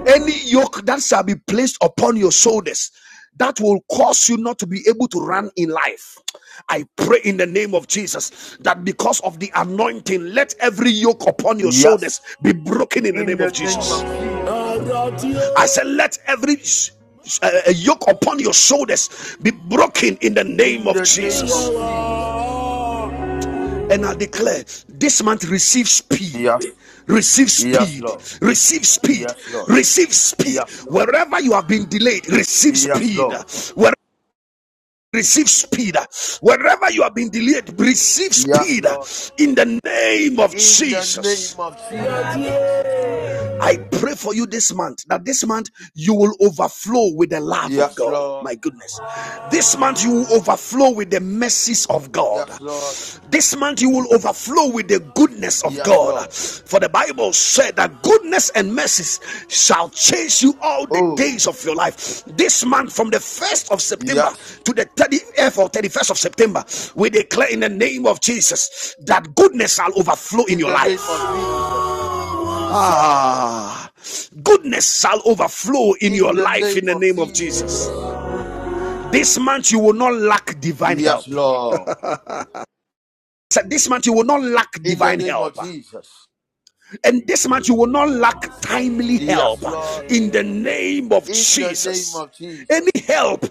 Speaker 1: Any yoke that shall be placed upon your shoulders that will cause you not to be able to run in life. I pray in the name of Jesus that because of the anointing, let every yoke upon your shoulders
Speaker 2: Yes.
Speaker 1: be broken in the
Speaker 2: In
Speaker 1: name of
Speaker 2: the name
Speaker 1: Jesus.
Speaker 2: of Jesus.
Speaker 1: I said, let every uh, uh, yoke upon your shoulders be broken in the name
Speaker 2: In
Speaker 1: of
Speaker 2: the name of
Speaker 1: Jesus.
Speaker 2: Jesus.
Speaker 1: And I declare this month receive speed.
Speaker 2: Yes,
Speaker 1: Receive
Speaker 2: yes,
Speaker 1: speed,
Speaker 2: Lord.
Speaker 1: receive speed,
Speaker 2: Yes, Lord.
Speaker 1: receive speed.
Speaker 2: Yes, Lord.
Speaker 1: Wherever you have been delayed, receive
Speaker 2: Yes,
Speaker 1: speed.
Speaker 2: Lord.
Speaker 1: Where receive speed. Wherever you have been delayed, receive
Speaker 2: Yes,
Speaker 1: speed
Speaker 2: Lord.
Speaker 1: in the name of
Speaker 2: In the
Speaker 1: Jesus.
Speaker 2: name of Jesus.
Speaker 1: I pray for you this month that this month you will overflow with the love of
Speaker 2: Yes,
Speaker 1: God.
Speaker 2: Lord.
Speaker 1: My goodness. This month you will overflow with the mercies of God.
Speaker 2: Yes, Lord.
Speaker 1: This month you will overflow with the goodness of
Speaker 2: Yes,
Speaker 1: God.
Speaker 2: Lord.
Speaker 1: For the Bible said that goodness and mercies shall chase you all the
Speaker 2: Oh,
Speaker 1: days of your life. This month, from the 1st of September
Speaker 2: yes.
Speaker 1: to the 30th or 31st of September, we declare in the name of Jesus that goodness shall overflow in
Speaker 2: In
Speaker 1: your
Speaker 2: the
Speaker 1: life.
Speaker 2: name of Jesus.
Speaker 1: Ah, goodness shall overflow in
Speaker 2: In
Speaker 1: your
Speaker 2: the
Speaker 1: life in
Speaker 2: name
Speaker 1: the
Speaker 2: of
Speaker 1: name of Jesus.
Speaker 2: Jesus.
Speaker 1: This month you will not lack divine
Speaker 2: Yes,
Speaker 1: help.
Speaker 2: Lord.
Speaker 1: So This month you will not lack
Speaker 2: In the
Speaker 1: divine
Speaker 2: name of
Speaker 1: help.
Speaker 2: Jesus.
Speaker 1: And this month you will not lack timely
Speaker 2: Yes,
Speaker 1: help
Speaker 2: Lord.
Speaker 1: in the name of
Speaker 2: In the name
Speaker 1: Jesus.
Speaker 2: of
Speaker 1: Any
Speaker 2: Jesus.
Speaker 1: help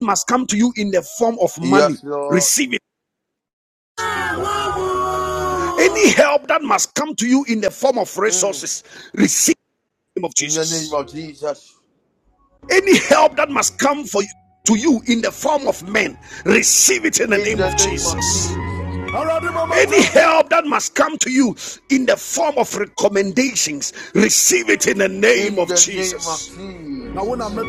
Speaker 1: must come to you in the form of money,
Speaker 2: Yes, Lord.
Speaker 1: receive it. Any help that must come to you in the form of
Speaker 2: Mm.
Speaker 1: resources, receive it in the name of
Speaker 2: In the name
Speaker 1: Jesus.
Speaker 2: of Jesus.
Speaker 1: Any help that must come for you to you in the form of men, receive it in the
Speaker 2: In
Speaker 1: name
Speaker 2: the
Speaker 1: of
Speaker 2: name of
Speaker 1: Jesus.
Speaker 2: Jesus.
Speaker 1: Any help that must come to you in the form of recommendations, receive it in the name
Speaker 2: In
Speaker 1: of
Speaker 2: the name of
Speaker 1: Jesus.
Speaker 2: Jesus.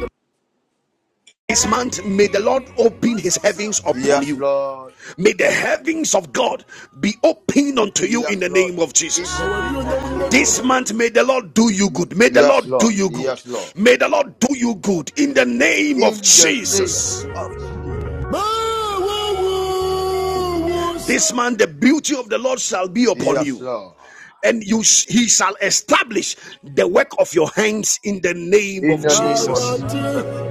Speaker 1: This month, may the Lord open his heavens upon
Speaker 2: Yes,
Speaker 1: you.
Speaker 2: Lord.
Speaker 1: May the heavens of God be opened unto you in
Speaker 2: Yes,
Speaker 1: the
Speaker 2: Lord.
Speaker 1: name of
Speaker 2: In
Speaker 1: Jesus.
Speaker 2: the name of
Speaker 1: This
Speaker 2: Jesus.
Speaker 1: month, may the Lord do you
Speaker 2: Y-
Speaker 1: good. May the
Speaker 2: Yes,
Speaker 1: Lord do
Speaker 2: Lord.
Speaker 1: you good.
Speaker 2: Yes, Lord.
Speaker 1: May the Lord do you good in the name of
Speaker 2: In the name
Speaker 1: Jesus.
Speaker 2: of Jesus.
Speaker 1: This man, the beauty of the Lord shall be upon
Speaker 2: Yes,
Speaker 1: you,
Speaker 2: Lord.
Speaker 1: and you he shall establish the work of your hands in the name
Speaker 2: In
Speaker 1: of
Speaker 2: the name of
Speaker 1: Jesus.
Speaker 2: Jesus.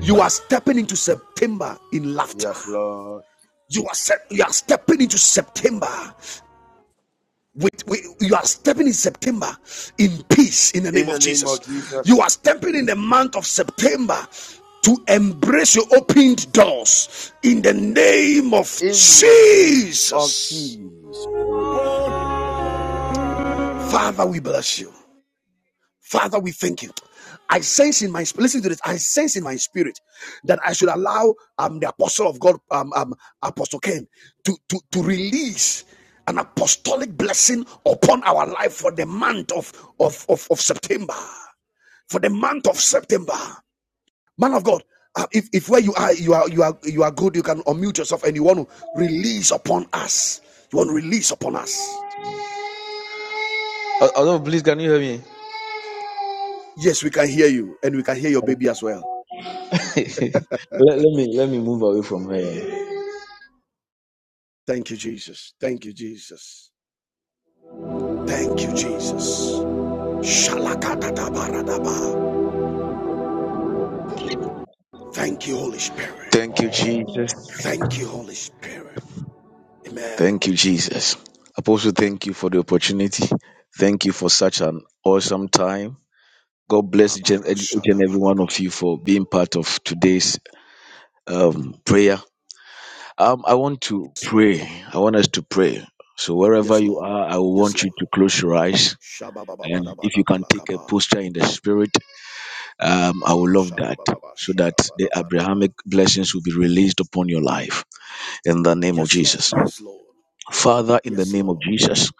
Speaker 1: You are stepping into September in laughter.
Speaker 2: Yes, Lord.
Speaker 1: You are se- you are stepping into September with, with you are stepping in September in peace in the
Speaker 2: In
Speaker 1: name
Speaker 2: the
Speaker 1: of
Speaker 2: name
Speaker 1: Jesus.
Speaker 2: of
Speaker 1: You
Speaker 2: Jesus.
Speaker 1: are stepping in the month of September to embrace your opened doors in the name of
Speaker 2: In the name of
Speaker 1: Jesus.
Speaker 2: Jesus.
Speaker 1: Father, we bless you. Father, we thank you. I sense in my spirit, listen to this. I sense in my spirit that I should allow um, the apostle of God, um, um, Apostle Ken, to, to, to release an apostolic blessing upon our life for the month of, of, of, of September. For the month of September. Man of God, uh, if, if where you are, you are, you are, you are good, you can unmute yourself and you want to release upon us. You want to release upon us.
Speaker 4: Oh, oh, no, please me.
Speaker 1: Yes, we can hear you and we can hear your baby as well.
Speaker 4: Let, let me let me move away from her.
Speaker 1: Thank you, Jesus. Thank you, Jesus. Thank you, Jesus. Shalakatatabaradaba. Thank you, Holy Spirit.
Speaker 4: Thank you, Jesus.
Speaker 1: Thank you, Holy Spirit.
Speaker 4: Thank you,
Speaker 1: Amen.
Speaker 4: Jesus. Apostle, thank you for the opportunity. Thank you for such an awesome time. God bless each and, each and every one
Speaker 1: Abarashadabalaka.
Speaker 4: of you for being part of today's um, prayer. Um, I want to
Speaker 1: Yes, Lord.
Speaker 4: pray. I want us to pray. So wherever
Speaker 1: Yes,
Speaker 4: you
Speaker 1: Lord.
Speaker 4: are, I will
Speaker 1: Yes,
Speaker 4: want you
Speaker 1: Lord.
Speaker 4: to close your eyes, and if you can take a
Speaker 1: Shababababadabalakaba.
Speaker 4: posture in the spirit, um, I will love that, so that the
Speaker 1: Shababababashadabadabadaba.
Speaker 4: Abrahamic blessings will be released upon your life in the name of
Speaker 1: Yes, Lord.
Speaker 4: Jesus.
Speaker 1: Yes, Lord.
Speaker 4: Father, in the
Speaker 1: Yes,
Speaker 4: name of
Speaker 1: Lord.
Speaker 4: Jesus,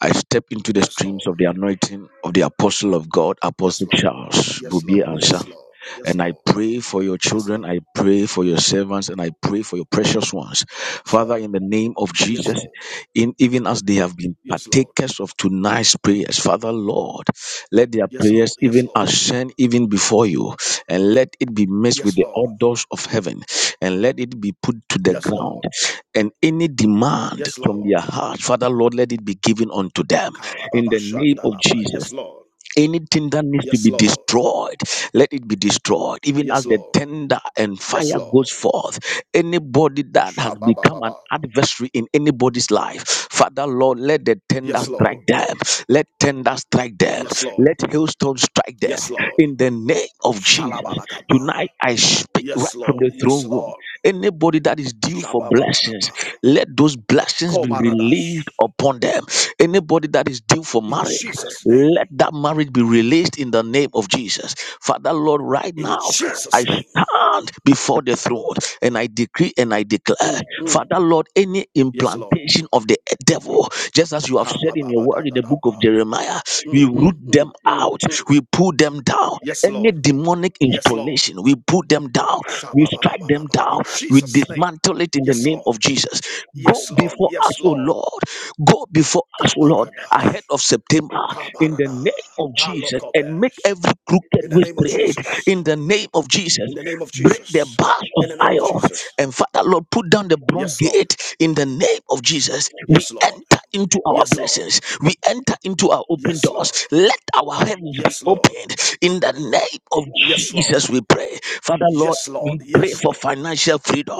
Speaker 4: I step into the
Speaker 1: Yes,
Speaker 4: streams
Speaker 1: Lord.
Speaker 4: of the anointing of the Apostle of God,
Speaker 1: Yes,
Speaker 4: Apostle
Speaker 1: Lord.
Speaker 4: Charles
Speaker 1: Yes,
Speaker 4: Bubier
Speaker 1: Lord.
Speaker 4: Ansah.
Speaker 1: Yes, Lord. Yes,
Speaker 4: And I
Speaker 1: Lord.
Speaker 4: pray for your
Speaker 1: Yes,
Speaker 4: children.
Speaker 1: Lord.
Speaker 4: I pray for your servants and I pray for your precious ones.
Speaker 1: Yes,
Speaker 4: Father,
Speaker 1: Lord.
Speaker 4: in the name of
Speaker 1: Yes,
Speaker 4: Jesus,
Speaker 1: Lord.
Speaker 4: in, even as they have been
Speaker 1: Yes, Lord.
Speaker 4: partakers of tonight's prayers, Father, Lord, let their
Speaker 1: Yes,
Speaker 4: prayers
Speaker 1: Lord. Yes,
Speaker 4: even
Speaker 1: Lord.
Speaker 4: ascend even before you and let it be mixed with
Speaker 1: Yes,
Speaker 4: the
Speaker 1: Lord.
Speaker 4: odors of heaven and let it be put to the
Speaker 1: Yes,
Speaker 4: ground.
Speaker 1: Lord.
Speaker 4: And any demand
Speaker 1: Yes,
Speaker 4: from
Speaker 1: Lord.
Speaker 4: their heart, Father, Lord, let it be given unto them in
Speaker 1: Kabababa
Speaker 4: the name of
Speaker 1: shandalaba.
Speaker 4: Jesus.
Speaker 1: Yes, Lord.
Speaker 4: Anything that needs to
Speaker 1: Yes,
Speaker 4: be
Speaker 1: Lord.
Speaker 4: destroyed, let it be destroyed. Even as
Speaker 1: Yes,
Speaker 4: the
Speaker 1: Lord.
Speaker 4: tender and
Speaker 1: Yes,
Speaker 4: fire goes
Speaker 1: Lord.
Speaker 4: forth, anybody that has become an
Speaker 1: Shabababa.
Speaker 4: adversary in anybody's life, Father Lord, let the tender
Speaker 1: Yes,
Speaker 4: strike
Speaker 1: Lord.
Speaker 4: them. Let tender strike them.
Speaker 1: Yes, Lord.
Speaker 4: Let hailstones strike them.
Speaker 1: Yes, Lord.
Speaker 4: In the name of Jesus,
Speaker 1: Shalabalakaba.
Speaker 4: tonight I speak right
Speaker 1: Yes,
Speaker 4: from
Speaker 1: Lord.
Speaker 4: the
Speaker 1: Yes,
Speaker 4: throne room.
Speaker 1: Lord.
Speaker 4: Anybody that is due for blessings,
Speaker 1: Shabababadaba.
Speaker 4: let those blessings be
Speaker 1: Komaradash.
Speaker 4: released upon them. Anybody that is due for
Speaker 1: In
Speaker 4: marriage
Speaker 1: Jesus' name.
Speaker 4: let that marriage be released in the name of Jesus. Father, Lord, right
Speaker 1: In
Speaker 4: now, I
Speaker 1: Jesus' name.
Speaker 4: stand before the throne and I decree and I declare,
Speaker 1: Mm, mm.
Speaker 4: Father, Lord, any
Speaker 1: Yes, Lord.
Speaker 4: implantation of the devil, just as you have said in your word in the book of
Speaker 1: Kabababadadadaba.
Speaker 4: Jeremiah, we
Speaker 1: Mm,
Speaker 4: root
Speaker 1: mm,
Speaker 4: them
Speaker 1: mm, mm,
Speaker 4: out,
Speaker 1: mm.
Speaker 4: we pull them down.
Speaker 1: Yes,
Speaker 4: Any
Speaker 1: Lord.
Speaker 4: demonic
Speaker 1: Yes, Lord.
Speaker 4: installation, we put them down, we strike them
Speaker 1: shabba
Speaker 4: down,
Speaker 1: In
Speaker 4: we
Speaker 1: Jesus' name.
Speaker 4: dismantle it in the
Speaker 1: Yes,
Speaker 4: name
Speaker 1: Lord.
Speaker 4: of Jesus. Go
Speaker 1: Yes, Lord.
Speaker 4: before us,
Speaker 1: Yes,
Speaker 4: O
Speaker 1: Lord.
Speaker 4: Lord. Go before us, O Lord, ahead
Speaker 1: Kabaradash.
Speaker 4: of September in the
Speaker 1: Kabarada.
Speaker 4: name of Jesus and make
Speaker 1: Palokobesh.
Speaker 4: every crooked
Speaker 1: In the
Speaker 4: way
Speaker 1: name of
Speaker 4: straight
Speaker 1: Jesus.
Speaker 4: in the name of Jesus.
Speaker 1: In the name of
Speaker 4: Break the
Speaker 1: Jesus.
Speaker 4: bars of
Speaker 1: In the name of
Speaker 4: iron
Speaker 1: Jesus.
Speaker 4: and Father Lord, put down the bronze
Speaker 1: Yes, Lord.
Speaker 4: gate in the name of Jesus. We
Speaker 1: Yes, Lord.
Speaker 4: enter into our
Speaker 1: Yes, Lord.
Speaker 4: blessings, we enter into our open
Speaker 1: Yes, Lord.
Speaker 4: doors. Let our heavens be
Speaker 1: Yes, Lord.
Speaker 4: opened in the name of
Speaker 1: Yes, Lord.
Speaker 4: Jesus. We pray, Father Lord.
Speaker 1: Yes, Lord.
Speaker 4: We pray
Speaker 1: Yes,
Speaker 4: for
Speaker 1: Lord.
Speaker 4: financial freedom.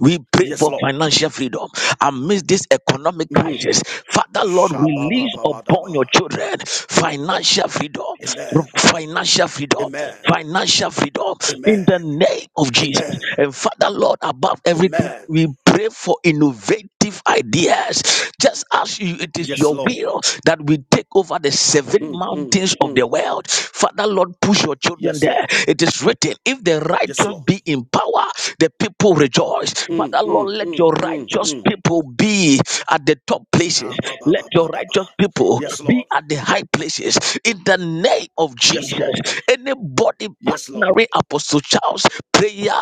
Speaker 4: We pray
Speaker 1: Yes,
Speaker 4: for
Speaker 1: Lord.
Speaker 4: financial freedom amidst this economic
Speaker 1: shabba
Speaker 4: crisis. Father, Lord, release upon your children financial freedom,
Speaker 1: Amen.
Speaker 4: financial freedom,
Speaker 1: Amen.
Speaker 4: financial freedom in
Speaker 1: Amen.
Speaker 4: the name of Jesus.
Speaker 1: Amen.
Speaker 4: And Father, Lord, above everything,
Speaker 1: Amen.
Speaker 4: we pray for innovative ideas. Just as you, it is
Speaker 1: Yes,
Speaker 4: your
Speaker 1: Lord.
Speaker 4: will that we take over the seven
Speaker 1: Mm, mm,
Speaker 4: mountains of
Speaker 1: mm,
Speaker 4: the world. Father, Lord, push your children
Speaker 1: Yes,
Speaker 4: there.
Speaker 1: Lord.
Speaker 4: It is written, if the
Speaker 1: Yes,
Speaker 4: righteous
Speaker 1: Lord.
Speaker 4: be in power, the people rejoice.
Speaker 1: mm,
Speaker 4: Father, Lord,
Speaker 1: mm,
Speaker 4: let
Speaker 1: mm,
Speaker 4: your
Speaker 1: mm,
Speaker 4: righteous
Speaker 1: mm.
Speaker 4: people be at the top places. Let your righteous
Speaker 1: Ka-ba-ba-ba-ba-da-ba.
Speaker 4: people
Speaker 1: Yes,
Speaker 4: be
Speaker 1: Lord.
Speaker 4: at the high places. In the name of
Speaker 1: Yes, Lord.
Speaker 4: Jesus, anybody
Speaker 1: Yes, Lord.
Speaker 4: partnering Apostle Charles prayer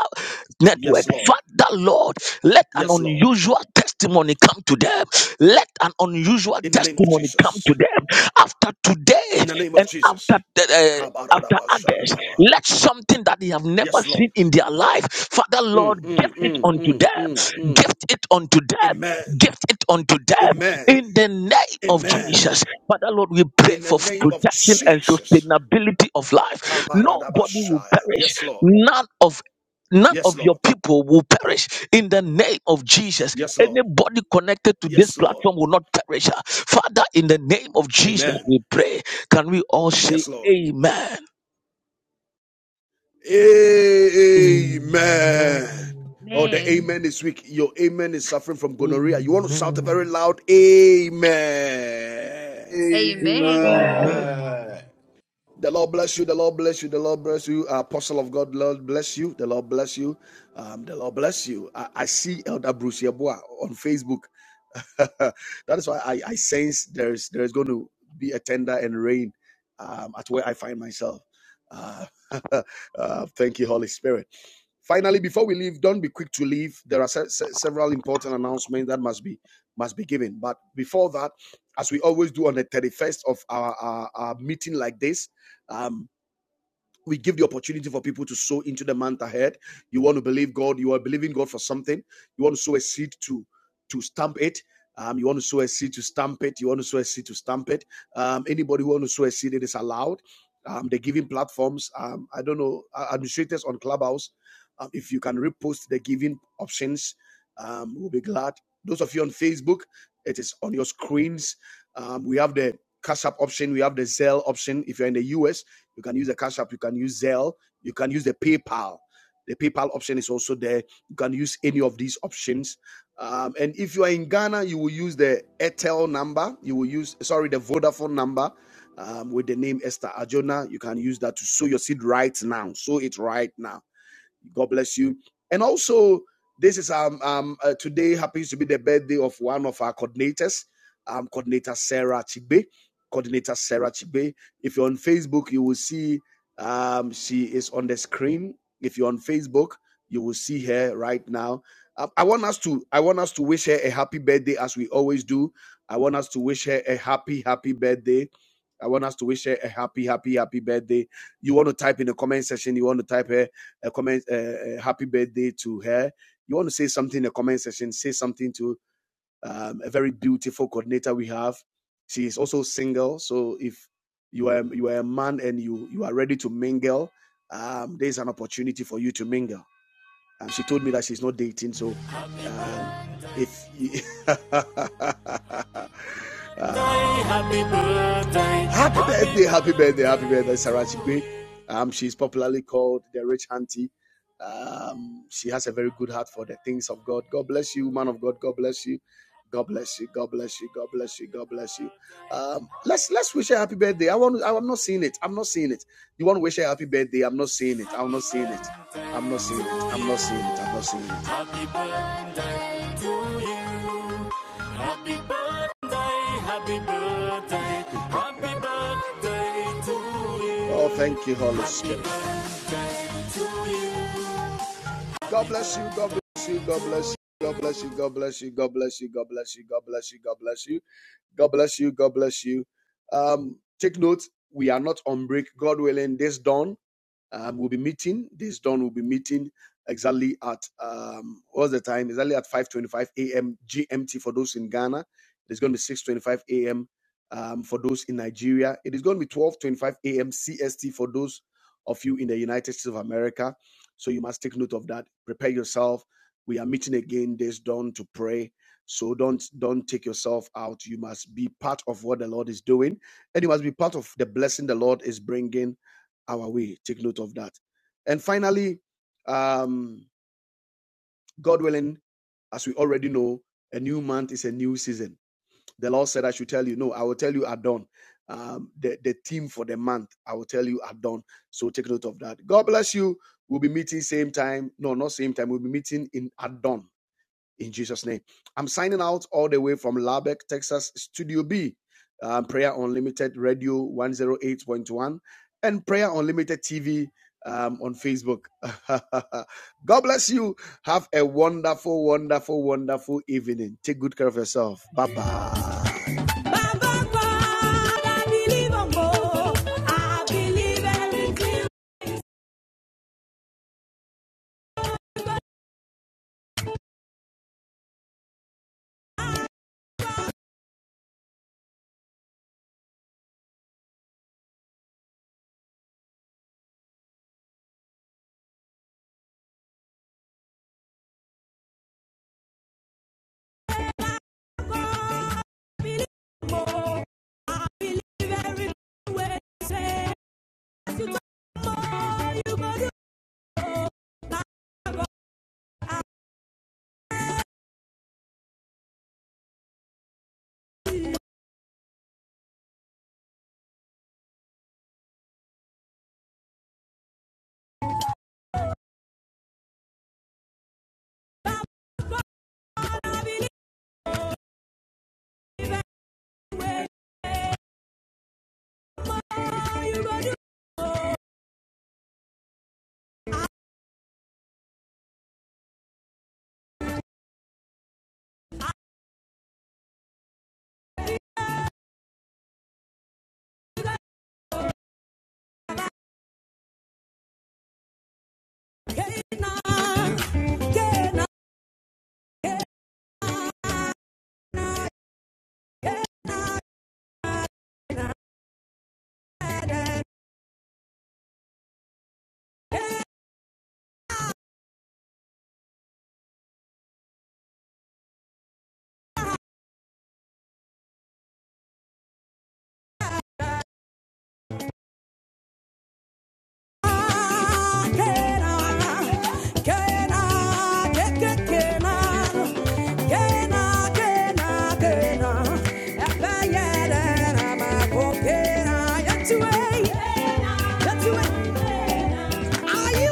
Speaker 4: network,
Speaker 1: Yes, Lord.
Speaker 4: Father, Lord, let an
Speaker 1: Yes, Lord.
Speaker 4: unusual testimony come to them. Let an unusual
Speaker 1: In the name of
Speaker 4: testimony come
Speaker 1: Jesus.
Speaker 4: to them after today
Speaker 1: In the name of
Speaker 4: and
Speaker 1: Jesus.
Speaker 4: after the, uh, after others.
Speaker 1: Ka-ba-ra-da-ba-shan-ta-ba.
Speaker 4: Let something that they have never
Speaker 1: Yes,
Speaker 4: seen
Speaker 1: Lord.
Speaker 4: in their life, Father
Speaker 1: Mm,
Speaker 4: Lord,
Speaker 1: mm,
Speaker 4: gift it
Speaker 1: mm,
Speaker 4: unto
Speaker 1: mm, mm,
Speaker 4: them,
Speaker 1: mm.
Speaker 4: gift it unto them,
Speaker 1: Amen.
Speaker 4: gift it unto them
Speaker 1: Amen.
Speaker 4: in the name of
Speaker 1: Amen.
Speaker 4: Jesus. Father Lord, we pray
Speaker 1: In the
Speaker 4: for
Speaker 1: name of
Speaker 4: protection and
Speaker 1: Jesus.
Speaker 4: sustainability of life. Nobody will
Speaker 1: Kabaradabashaya.
Speaker 4: perish,
Speaker 1: Yes, Lord.
Speaker 4: none of None
Speaker 1: Yes,
Speaker 4: of your
Speaker 1: Lord.
Speaker 4: people will perish in the name of Jesus.
Speaker 1: Yes, Lord.
Speaker 4: Anybody connected to this
Speaker 1: Yes, Lord.
Speaker 4: platform will not perish. Father, in the name of Jesus,
Speaker 1: Amen.
Speaker 4: we pray. Can we all say
Speaker 1: Yes, Lord. Amen. Oh, the
Speaker 6: Amen.
Speaker 1: amen is weak. Your amen is suffering from gonorrhea. You want to shout a very loud amen.
Speaker 6: Amen.
Speaker 2: Amen.
Speaker 1: The Lord bless you. The Lord bless you. The Lord bless you. Uh, Apostle of God, Lord bless you. The Lord bless you. Um, the Lord bless you. I, I see Elder Bruce Yeboah on Facebook. that is why I, I sense there is there is going to be a tender and rain um, at where I find myself. Uh, uh, thank you, Holy Spirit. Finally, before we leave, don't be quick to leave. There are se- se- several important announcements that must be must be given. But before that, as we always do on the 31st of our, our, our meeting like this. Um, we give the opportunity for people to sow into the month ahead. You want to believe God, you are believing God for something. You want to sow a seed to to stamp it. Um, you want to sow a seed to stamp it. You want to sow a seed to stamp it. Um, anybody who want to sow a seed, it is allowed. Um, the giving platforms, um, I don't know, uh, administrators on Clubhouse, um, if you can repost the giving options, um, we'll be glad. Those of you on Facebook, it is on your screens. Um, we have the Cash App option, we have the Zelle option. If you're in the US, you can use the Cash App. You can use Zelle. You can use the PayPal. The PayPal option is also there. You can use any of these options. Um, and if you are in Ghana, you will use the Airtel number. You will use, sorry, the Vodafone number um, with the name Esther Ajona. You can use that to sow your seed right now. Sow it right now. God bless you. And also, this is um um uh, today happens to be the birthday of one of our coordinators, um coordinator Sarah Chibe, coordinator Sarah Chibe. If you're on Facebook, you will see um she is on the screen. If you're on Facebook, you will see her right now. Um, I want us to I want us to wish her a happy birthday as we always do. I want us to wish her a happy happy birthday. I want us to wish her a happy happy happy birthday. You want to type in the comment section. You want to type her a comment, a, happy birthday to her. You want to say something in the comment section, say something to um, a very beautiful coordinator we have. She is also single, so if you are you are a man and you you are ready to mingle, um, there is an opportunity for you to mingle. And she told me that she's not dating, so um, if you Happy birthday, happy birthday, happy birthday, Sarah Chigbe. Um, she's popularly called the rich auntie. Um, she has a very good heart for the things of God. God bless you, man of God. God bless you. God bless you. God bless you. God bless you. God bless you. Um, let's let's wish her happy birthday. I want. I'm not seeing it. I'm not seeing it. You want to wish her happy birthday? I'm not seeing it. I'm not seeing it. I'm not seeing it. I'm not seeing it. I'm not seeing it. Happy birthday. Happy birthday. Happy birthday to Oh, thank you, Holy Spirit. God bless you. God bless you. God bless you. God bless you. God bless you. God bless you. God bless you. God bless you. God bless you. God bless you. God bless you. Um, take note, we are not on break. God willing, this dawn. Um, we'll be meeting. This dawn will be meeting exactly at um, what's the time? Exactly at 5:25 a.m. GMT for those in Ghana. It is going to be 6:25 a.m. Um, for those in Nigeria. It is going to be 12:25 a.m. CST for those of you in the United States of America. So you must take note of that. Prepare yourself. We are meeting again this dawn to pray. So don't don't take yourself out. You must be part of what the Lord is doing, and you must be part of the blessing the Lord is bringing our way. Take note of that. And finally, um, God willing, as we already know, a new month is a new season. The Lord said, I should tell you. No, I will tell you at dawn. Um, the, the theme for the month, I will tell you at dawn. So take note of that. God bless you. We'll be meeting same time. No, not same time. We'll be meeting in at dawn in Jesus' name. I'm signing out all the way from Lubbock, Texas, Studio B, uh, Prayer Unlimited Radio 108.1, and Prayer Unlimited TV um, on Facebook. God bless you. Have a wonderful, wonderful, wonderful evening. Take good care of yourself. Bye bye. You gonna do more? You gonna do more? I believe it. More? You gonna do more? I cannot. Cannot. Cannot.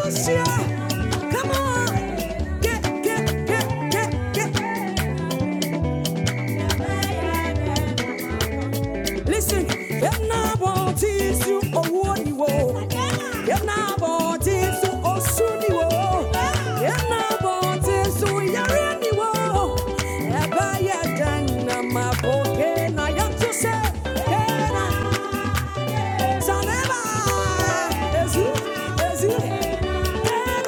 Speaker 1: Sure. Come on, get, get, get, get, get. Listen, if na bodies you owoni wo, if na bodies you osuni wo, if na bodies you yareni wo, eba ya dana maboke na yantuse, ena zaneba, ezu, ezu, ena